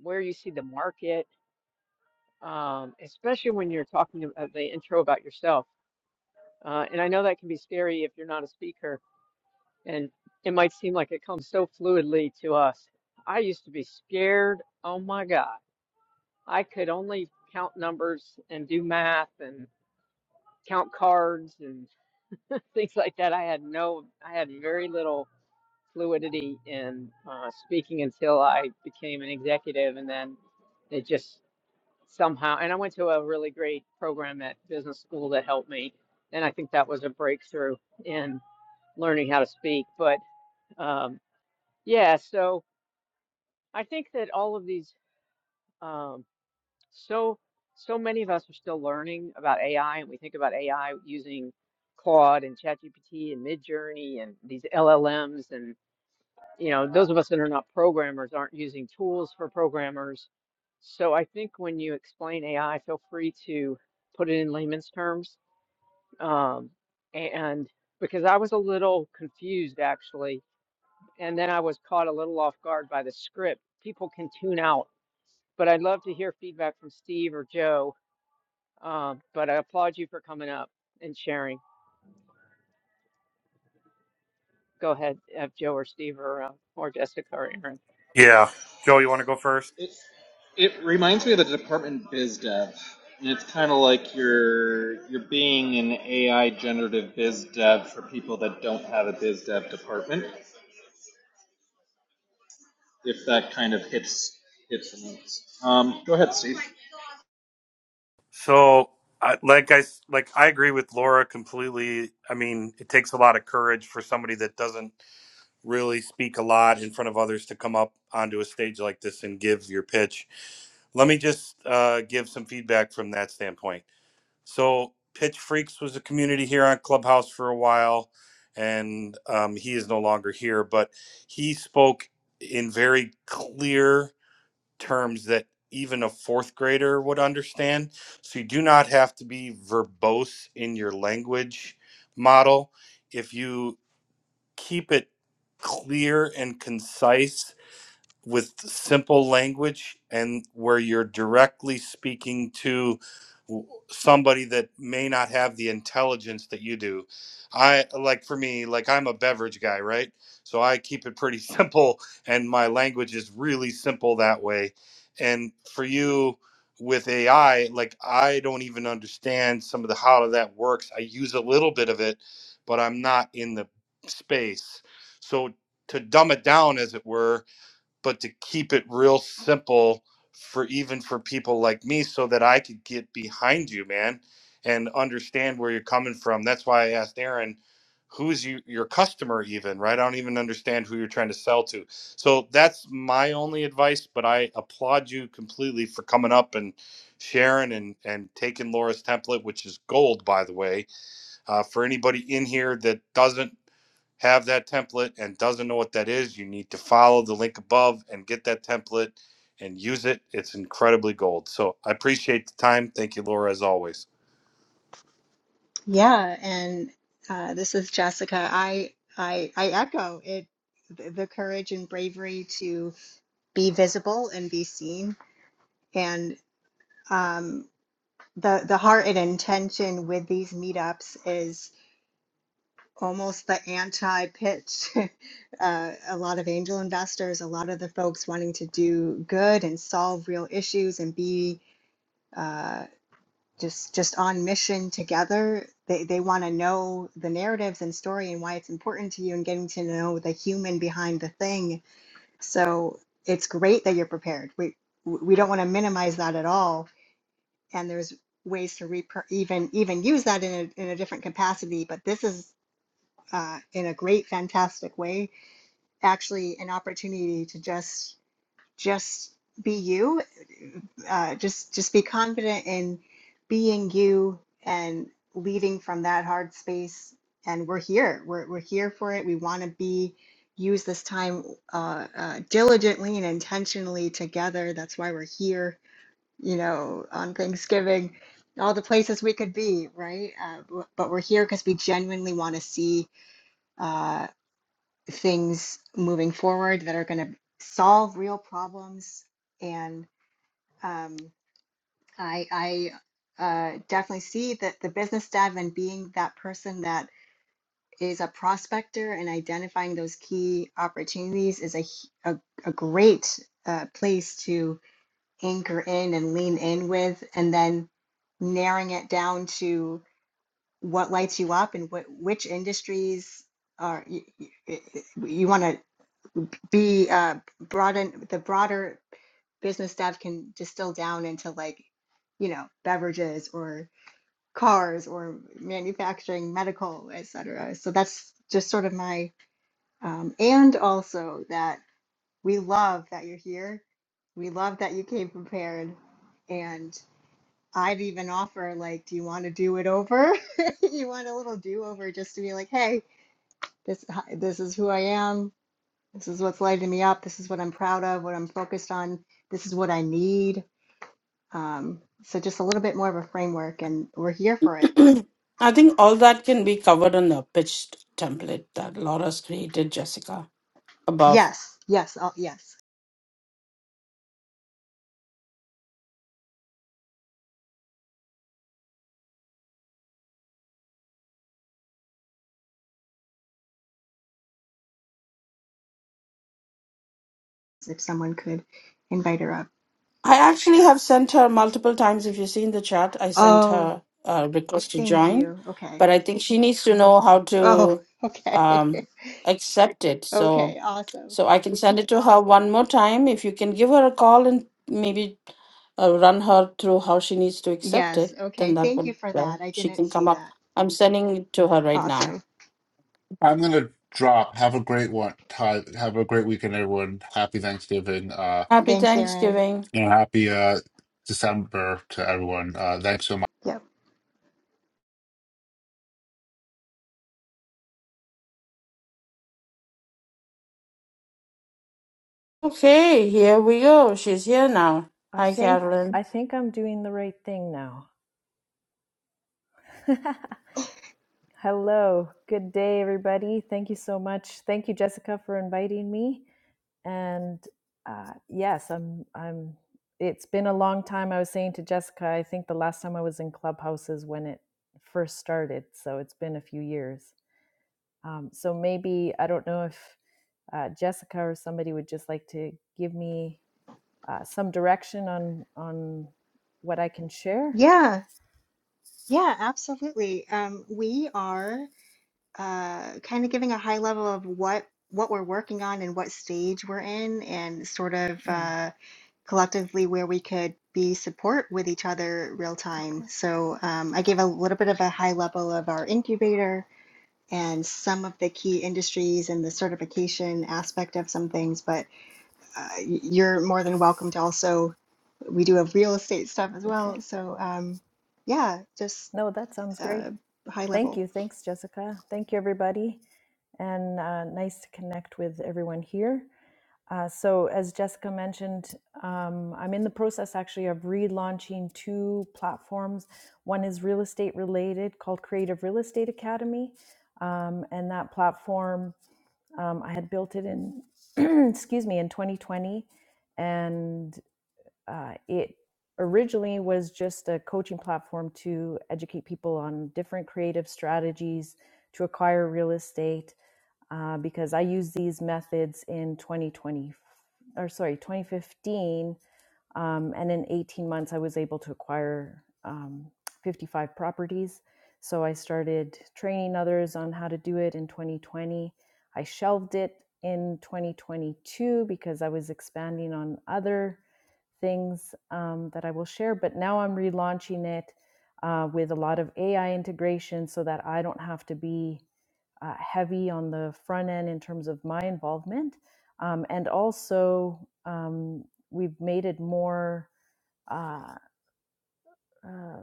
where you see the market um, especially when you're talking about the intro about yourself. Uh, and I know that can be scary if you're not a speaker, and it might seem like it comes so fluidly to us. I used to be scared. Oh my God. I could only count numbers and do math and count cards and things like that. I had no, I had very little fluidity in uh, speaking until I became an executive, and then it just somehow. And I went to a really great program at business school that helped me. And I think that was a breakthrough in learning how to speak. But um, yeah, so I think that all of these, um, so so many of us are still learning about AI, and we think about AI using Claude and ChatGPT and Midjourney and these LLMs, and you know, those of us that are not programmers aren't using tools for programmers. So I think when you explain AI, feel free to put it in layman's terms. Um, and because I was a little confused actually, and then I was caught a little off guard by the script. People can tune out, but I'd love to hear feedback from Steve or Joe. Um, but I applaud you for coming up and sharing. Go ahead, have Joe or Steve or uh, or Jessica or Aaron. Yeah. Joe, you want to go first? It it reminds me of the department biz dev, and it's kind of like you're you're being an AI generative biz dev for people that don't have a biz dev department if that kind of hits, hits the notes. Um, go ahead, Steve. So, I, like I s- like I agree with Laura completely. I mean, it takes a lot of courage for somebody that doesn't really speak a lot in front of others to come up onto a stage like this and give your pitch. Let me just uh, give some feedback from that standpoint. So, Pitch Freaks was a community here on Clubhouse for a while, and um, he is no longer here. But he spoke in very clear terms that even a fourth grader would understand. So you do not have to be verbose in your language model. If you keep it clear and concise with simple language and where you're directly speaking to w- somebody that may not have the intelligence that you do. I like for me, like I'm a beverage guy, right? So I keep it pretty simple and my language is really simple that way. And for you with AI, like I don't even understand some of the how that works. I use a little bit of it, but I'm not in the space. So to dumb it down as it were, but to keep it real simple for even for people like me so that I could get behind you, man, and understand where you're coming from. That's why I asked Aaron, who's you, your customer even, right? I don't even understand who you're trying to sell to. So that's my only advice, but I applaud you completely for coming up and sharing and, and taking Laura's template, which is gold, by the way uh, for anybody in here that doesn't have that template and doesn't know what that is, you need to follow the link above and get that template and use it. It's incredibly gold. So I appreciate the time. Thank you, Laura, as always. Yeah, and uh, this is Jessica. I I I echo it the the courage and bravery to be visible and be seen. And um, the the heart and intention with these meetups is almost the anti-pitch. uh, a lot of angel investors, a lot of the folks wanting to do good and solve real issues and be. uh, just just on mission together. They they want to know the narratives and story and why it's important to you and getting to know the human behind the thing. So it's great that you're prepared. We we don't want to minimize that at all. And there's ways to re- even even use that in a in a different capacity. But this is uh, in a great, fantastic way, actually an opportunity to just just be you uh, just just be confident in being you and leading from that hard space and we're here we're, we're here for it we want to be use this time uh, uh, diligently and intentionally together that's why we're here you know on thanksgiving all the places we could be right uh, w- but we're here because we genuinely want to see uh, things moving forward that are going to solve real problems. And um, I, I uh, definitely see that the business dev and being that person that is a prospector and identifying those key opportunities is a a, a great uh, place to anchor in and lean in with, and then narrowing it down to what lights you up and what which industries are you, you you want to be uh, broaden the broader business stuff can distill down into like you know beverages or cars or manufacturing medical etc so that's just sort of my um, and also that we love that you're here we love that you came prepared and i'd even offer like do you want to do it over you want a little do over just to be like hey this this is who i am this is what's lighting me up. This is what I'm proud of, what I'm focused on. This is what I need. Um, so just a little bit more of a framework, and we're here for it. I think all that can be covered on the pitched template that Laura's created, Jessica, above. Yes, yes, oh, yes. If someone could invite her up. I actually have sent her multiple times. If you see in the chat, I sent Oh, her a request to thank join, you. Okay. but I think she needs to know how Oh, to okay. um, accept it. So. okay, awesome. So I can send it to her one more time. If you can give her a call and maybe uh, run her through how she needs to accept Yes, it, okay. then that Thank you would, for uh, that. I she didn't can come see up. that. I'm sending it to her right now. Awesome. I'm gonna drop. Have a great one. Ty. Have a great weekend, everyone. Happy Thanksgiving. Uh, Happy Thanks, Erin. Thanksgiving. and happy uh December to everyone. Uh, thanks so much. Yep. Okay, here we go. She's here now. I Hi, think Carolyn. I think I'm doing the right thing now. Hello. Good day everybody. Thank you so much. Thank you Jessica for inviting me. And uh, yes, I'm I'm it's been a long time. I was saying to Jessica, I think the last time I was in Clubhouse is when it first started, so it's been a few years. Um, so maybe I don't know if uh, Jessica or somebody would just like to give me uh, some direction on on what I can share. Yeah, yeah, absolutely. Um, we are. uh, kind of giving a high level of what what we're working on and what stage we're in, and sort of Mm. uh, collectively where we could be support with each other real time. Okay. So um, I gave a little bit of a high level of our incubator and some of the key industries and the certification aspect of some things, but uh, y- you're more than welcome to also. We do have real estate stuff as Okay. well. So um, yeah, just No, that sounds great. uh, high Thank level. you. Thanks, Jessica. Thank you, everybody. And uh, nice to connect with everyone here. Uh, so, as Jessica mentioned, um, I'm in the process actually of relaunching two platforms. One is real estate related called Creative Real Estate Academy. Um, and that platform, um, I had built it in, excuse me, in 2020. And uh, it originally was just a coaching platform to educate people on different creative strategies to acquire real estate uh, because I used these methods in 2020, or sorry, 2015. Um, and in 18 months, I was able to acquire um, 55 properties. So I started training others on how to do it in 2020. I shelved it in 2022 because I was expanding on other things um, that I will share. But now I'm relaunching it uh, with a lot of AI integration so that I don't have to be uh, heavy on the front end in terms of my involvement. Um, and also, um, we've made it more uh, uh,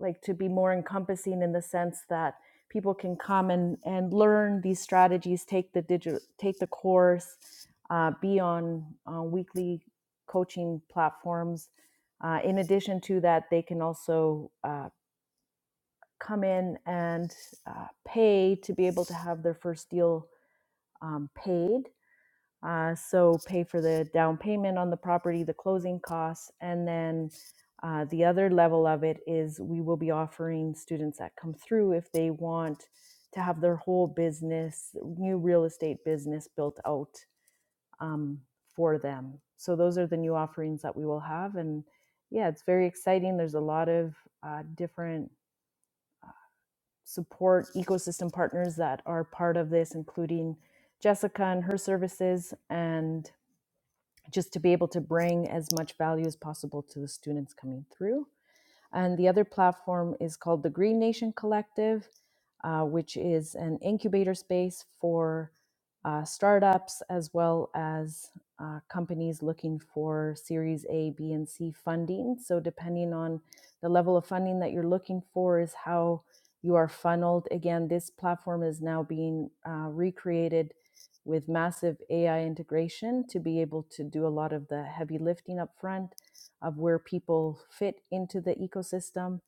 like to be more encompassing in the sense that people can come and, and learn these strategies, take the digital, take the course, uh, be on uh, weekly coaching platforms. Uh, in addition to that, they can also uh, come in and uh, pay to be able to have their first deal um, paid. Uh, so pay for the down payment on the property, the closing costs, and then uh, the other level of it is we will be offering students that come through if they want to have their whole business, new real estate business built out um, for them. So those are the new offerings that we will have, and yeah, it's very exciting. There's a lot of uh, different support ecosystem partners that are part of this, including Jessica and her services, and just to be able to bring as much value as possible to the students coming through. And the other platform is called the Green Nation Collective, uh, which is an incubator space for uh, startups as well as uh, companies looking for Series A, B, and C funding. So, depending on the level of funding that you're looking for, is how you are funneled. Again, this platform is now being uh, recreated with massive AI integration to be able to do a lot of the heavy lifting up front of where people fit into the ecosystem.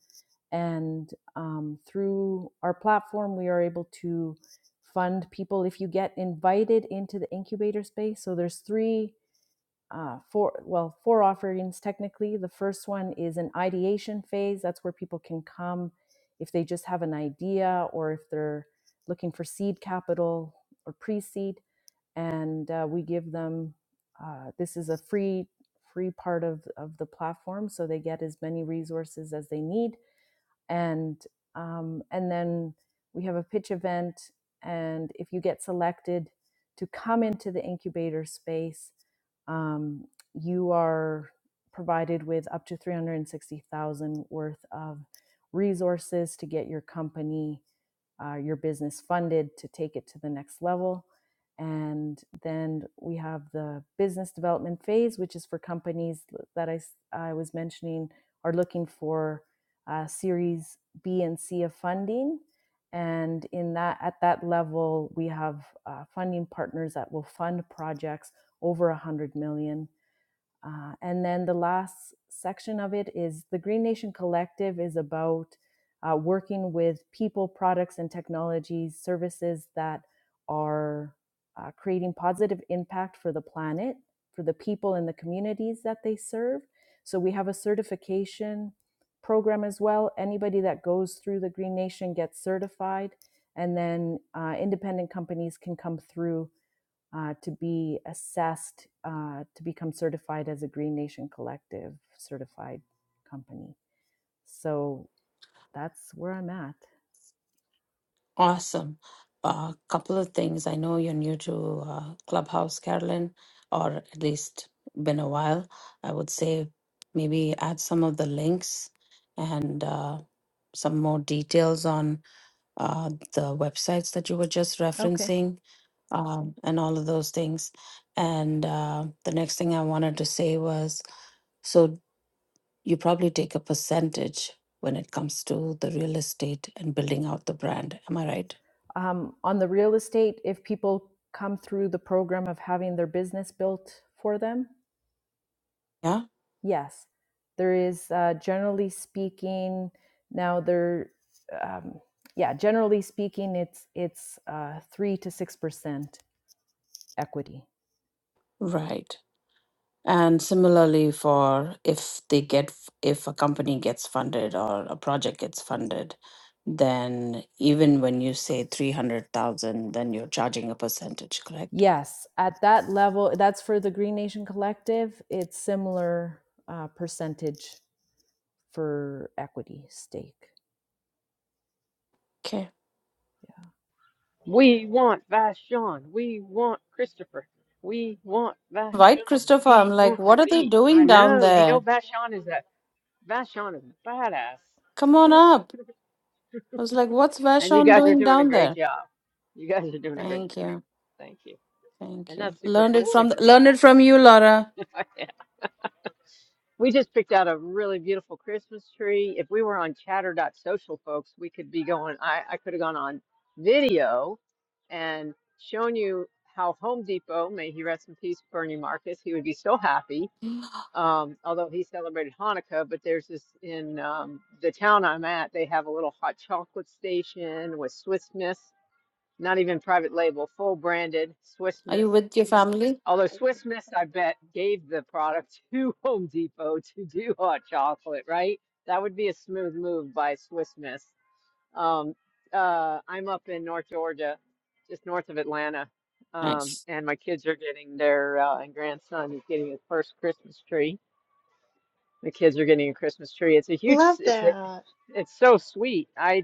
And um, through our platform, we are able to fund people if you get invited into the incubator space. So there's three, uh, four, well, four offerings technically. The first one is an ideation phase. That's where people can come if they just have an idea or if they're looking for seed capital or pre seed and uh, we give them uh, this is a free free part of of the platform so they get as many resources as they need and um, and then we have a pitch event and if you get selected to come into the incubator space um, you are provided with up to 360000 worth of resources to get your company uh, your business funded to take it to the next level. And then we have the business development phase, which is for companies that I I was mentioning are looking for uh, Series B and C of funding. And in that, at that level, we have uh, funding partners that will fund projects over a 100 million dollars. Uh, and then the last section of it is the Green Nation Collective is about uh, working with people, products, and technologies, services that are uh, creating positive impact for the planet, for the people and the communities that they serve. So we have a certification program as well. Anybody that goes through the Green Nation gets certified, and then uh, independent companies can come through uh, to be assessed uh, to become certified as a Green Nation Collective certified company. So that's where I'm at. Awesome. A couple of things. I know you're new to uh, Clubhouse, Carolyn, or at least been a while. I would say maybe add some of the links and uh, some more details on uh, the websites that you were just Okay. referencing um, and all of those things. And uh, the next thing I wanted to say was so you probably take a percentage when it comes to the real estate and building out the brand. Am I right? Um, on the real estate, if people come through the program of having their business built for them, Yeah. yes, there is uh, generally speaking. Now there, um, yeah, generally speaking, it's it's uh, three to six percent equity Right. And similarly for if they get if a company gets funded or a project gets funded, then even when you say 300,000, then you're charging a percentage, correct? Yes, at that level, that's for the Green Nation Collective. It's similar uh, percentage for equity stake. Okay. Yeah. We want Vashon. We want Christopher. We want Vashon. Right, Christopher, I'm We like, want what are they thee. I doing down know. You know there? Vashon is a Vashon is a badass. Come on Hmm. up. I was like, what's And you Vashon guys are doing doing a down great there? job. You guys are doing a great Thank job. you. Thank you. Thank And you. that's super Learned it from cool. learned it from you, Laura. We just picked out a really beautiful Christmas tree. If we were on chatter.social, folks, we could be going, I, I could have gone on video and shown you how Home Depot, may he rest in peace, Bernie Marcus, he would be so happy. Um, although he celebrated Hanukkah, but there's this in um, the town I'm at, they have a little hot chocolate station with Swiss Miss, not even private label, full branded Swiss Are Miss you with your family? Although Swiss Miss, I bet, gave the product to Home Depot to do hot chocolate, right? That would be a smooth move by Swiss Miss. Um, uh, I'm up in North Georgia, just north of Atlanta, um, Nice. and my kids are getting their uh, and grandson is getting his first Christmas tree. The kids are getting a Christmas tree. It's a huge. Love It's a, that. it's so sweet. I,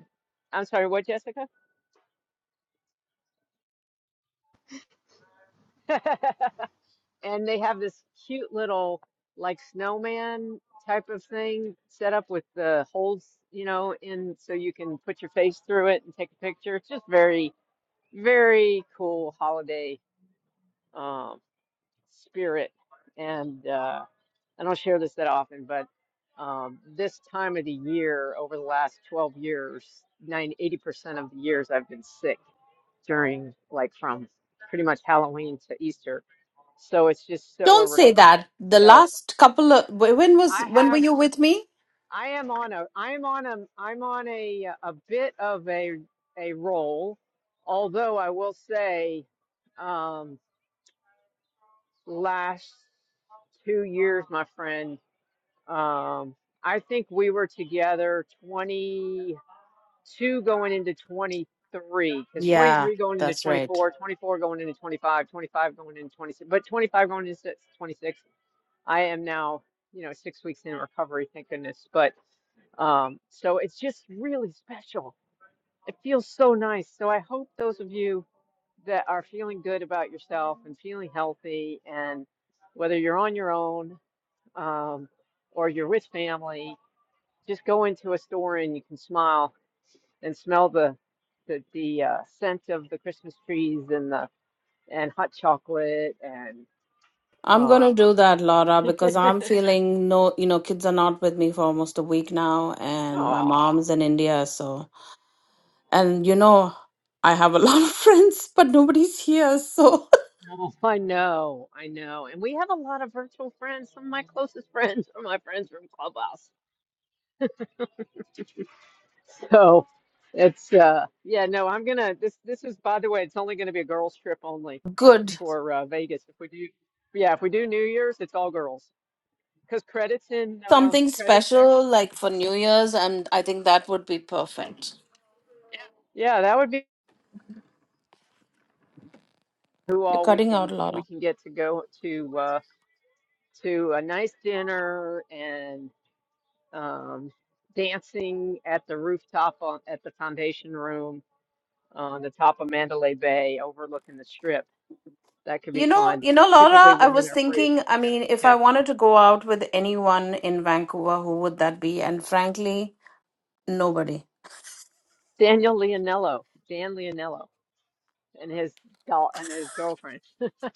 I'm sorry. What, Jessica? and they have this cute little like snowman type of thing set up with the holes, you know, in so you can put your face through it and take a picture. It's just very, very cool holiday um, spirit. And uh, I don't share this that often, but um, this time of the year, over the last 12 years, 980 percent of the years I've been sick during like from pretty much Halloween to Easter so it's just so or Don't say recover. that. The So last couple of wh- when was I when were have you with me? I am on a I am on a I'm on a a bit of a a roll, although I will say um last two years, my friend, um I think we were together 22 going into 23 because Yeah, 23 going into that's right. 24, 24 going into 25, 25 going into 26, but 25 going into 26 I am now, you know, six weeks in recovery, thank goodness. But um, so it's just really special. It feels so nice. So I hope those of you that are feeling good about yourself and feeling healthy, and whether you're on your own um, or you're with family, just go into a store and you can smile and smell the the, the uh, scent of the Christmas trees and the and hot chocolate and I'm uh, gonna do that, Laura, because I'm feeling no, you know, kids are not with me for almost a week now, and my oh mom's in India, so and you know, I have a lot of friends, but nobody's here, so Oh, I know, I know. And we have a lot of virtual friends. Some of my closest friends are my friends from Clubhouse. So it's uh yeah, no, I'm gonna this this is by the way, it's only gonna be a girls trip only good. for uh, Vegas. If we do yeah, if we do New Year's, it's all girls. Because credits in uh Something credits there. special like for New Year's, and I think that would be perfect. Yeah, that would be who You're all we cutting out, can Laura. we can get to go to uh to a nice dinner and um dancing at the rooftop on, at the foundation room on the top of Mandalay Bay overlooking the strip. That could be You know, fun. you know, Typically, Laura, I women was are free. thinking, I mean, if I Yeah. wanted to go out with anyone in Vancouver, who would that be? And frankly, nobody. Daniel Leonello, Dan Leonello, and his doll and his girlfriend.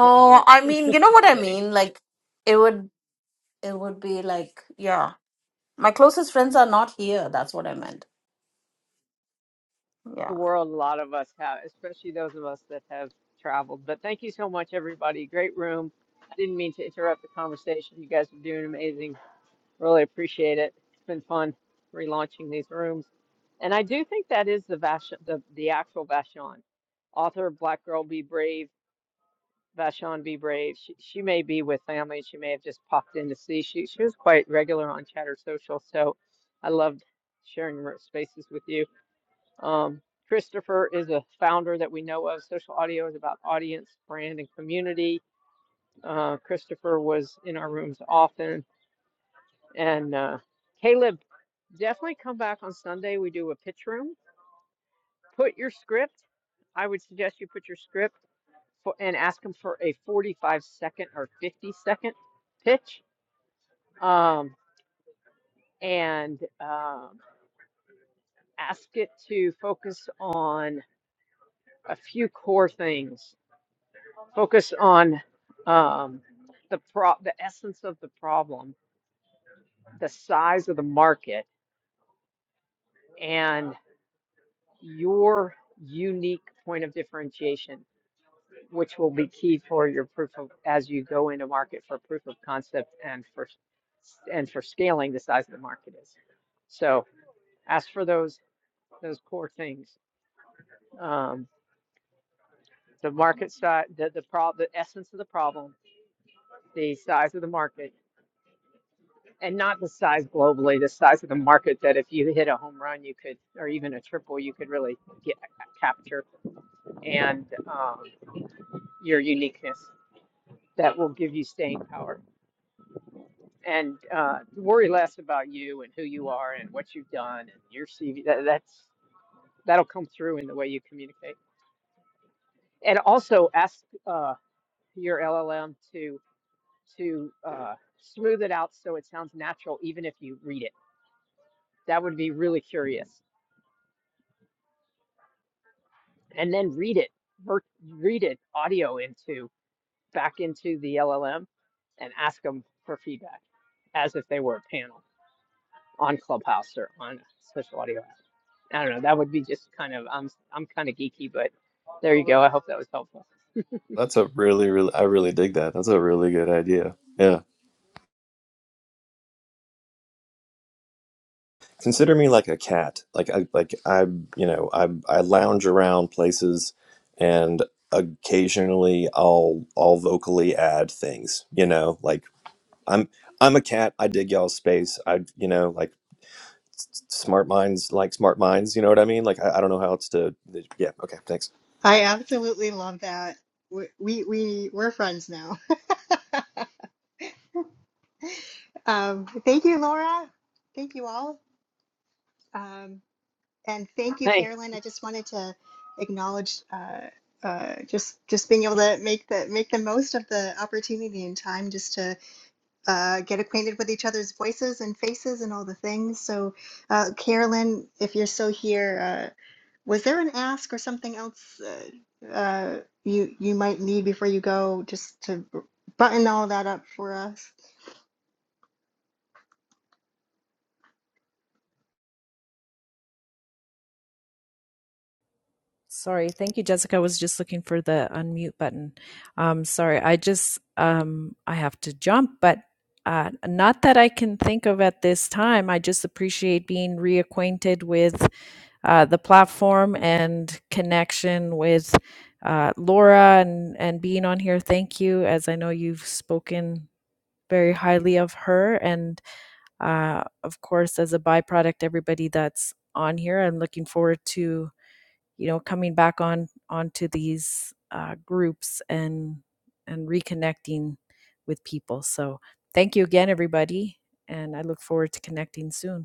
Yeah, I mean, you know what I kidding. mean? Like it would it would be like, yeah. My closest friends are not here. That's what I meant. The Yeah. world, a lot of us have, especially those of us that have traveled. But thank you so much, everybody. Great room. I didn't mean to interrupt the conversation. You guys are doing amazing. Really appreciate it. It's been fun relaunching these rooms. And I do think that is the Vash the, the actual Vashon, author of Black Girl Be Brave, Vashon Be Brave. She, she may be with family. She may have just popped in to see. She, she was quite regular on Chatter Social. So I loved sharing ro- spaces with you. Um, Christopher is a founder that we know of. Social audio is about audience, brand, and community. Uh, Christopher was in our rooms often. And uh, Caleb. definitely come back on Sunday. We do a pitch room. Put your script. I would suggest you put your script for, and ask them for a 45 second or 50 second pitch. Um, and um, ask it to focus on a few core things. Focus on um, the pro the essence of the problem, the size of the market, and your unique point of differentiation which will be key for your proof of, as you go into market for proof of concept and for, and for scaling the size of the market is. So ask for those, those core things. Um, the market size, the, the pro, the essence of the problem, the size of the market, and not the size globally, the size of the market that if you hit a home run, you could, or even a triple, you could really get, capture and, um, your uniqueness that will give you staying power and uh, worry less about you and who you are and what you've done and your CV. That, that's that'll come through in the way you communicate. And also ask uh, your LLM to to uh, smooth it out so it sounds natural, even if you read it. That would be really curious. And then read it, ver- read it audio into back into the LLM, and ask them for feedback as if they were a panel. on Clubhouse or on Social Audio app. I don't know. That would be just kind of I'm I'm kind of geeky, but there you go. I hope that was helpful. That's a really really I really dig that. That's a really good idea. Yeah. Consider me like a cat. Like I like I you know I I lounge around places, and occasionally I'll I'll vocally add things. You know, like I'm I'm a cat. I dig y'all's space. I you know like s- s- smart minds like smart minds. You know what I mean? Like I, I don't know how else to. Yeah. Okay. Thanks. I absolutely love that. We we we- we're friends now. Um, thank you, Laura. Thank you all. Um, and thank you, Thank Carolyn. I just wanted to acknowledge uh, uh, just just being able to make the make the most of the opportunity and time just to uh, get acquainted with each other's voices and faces and all the things. So, uh, Carolyn, if you're still here, uh, Was there an ask or something else uh, uh, you you might need before you go, just to button all that up for us? Sorry. Thank you, Jessica. I was just looking for the unmute button. Um, sorry. I just, um, I have to jump, but uh, not that I can think of at this time. I just appreciate being reacquainted with uh, the platform and connection with uh, Laura and, and being on here. Thank you, as I know you've spoken very highly of her. And uh, of course, as a byproduct, everybody that's on here. I'm looking forward to you know coming back on onto these uh, groups and and reconnecting with people so thank you again everybody and i look forward to connecting soon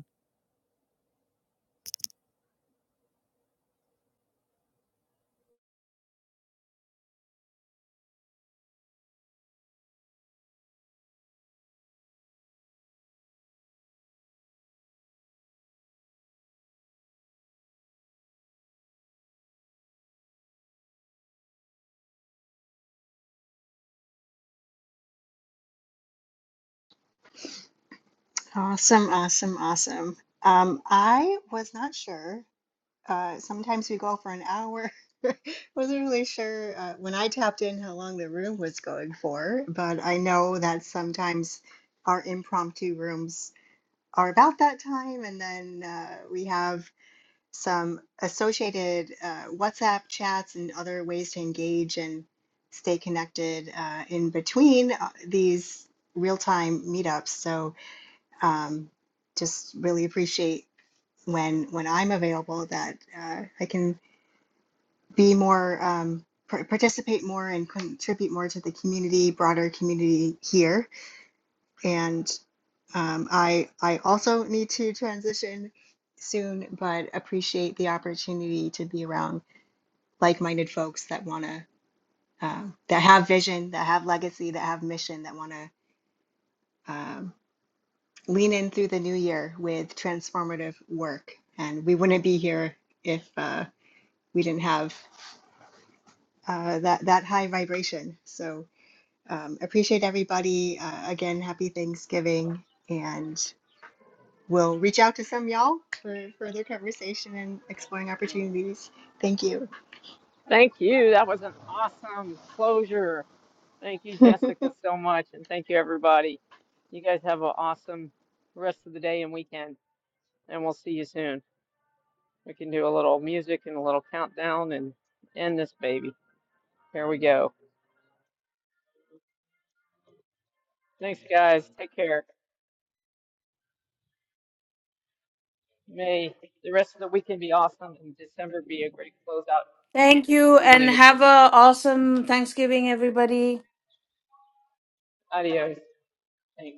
Awesome, awesome, awesome. Um, I was not sure. Uh, sometimes we go for an hour. Wasn't really sure uh, when I tapped in how long the room was going for, but I know that sometimes our impromptu rooms are about that time, and then uh, we have some associated uh, WhatsApp chats and other ways to engage and stay connected uh, in between uh, these real time meetups. So um, just really appreciate when when I'm available that uh, I can be more um, par- participate more and contribute more to the community, broader community here. And um, I I also need to transition soon, but appreciate the opportunity to be around like-minded folks that want to um, that have vision, that have legacy, that have mission, that want to um, lean in through the new year with transformative work. And we wouldn't be here if uh, we didn't have uh, that that high vibration. So um, appreciate everybody. Uh, again, happy Thanksgiving, and we'll reach out to some y'all for further conversation and exploring opportunities. Thank you. thank you. That was an awesome closure. Thank you, Jessica, so much, and thank you everybody. You guys have an awesome rest of the day and weekend. and we'll see you soon. We can do a little music and a little countdown and end this baby. Here we go. Thanks, guys. Take care. May the rest of the weekend be awesome and December be a great closeout Thank you leading and into have 26. a awesome Thanksgiving, everybody. Adios. Thanks.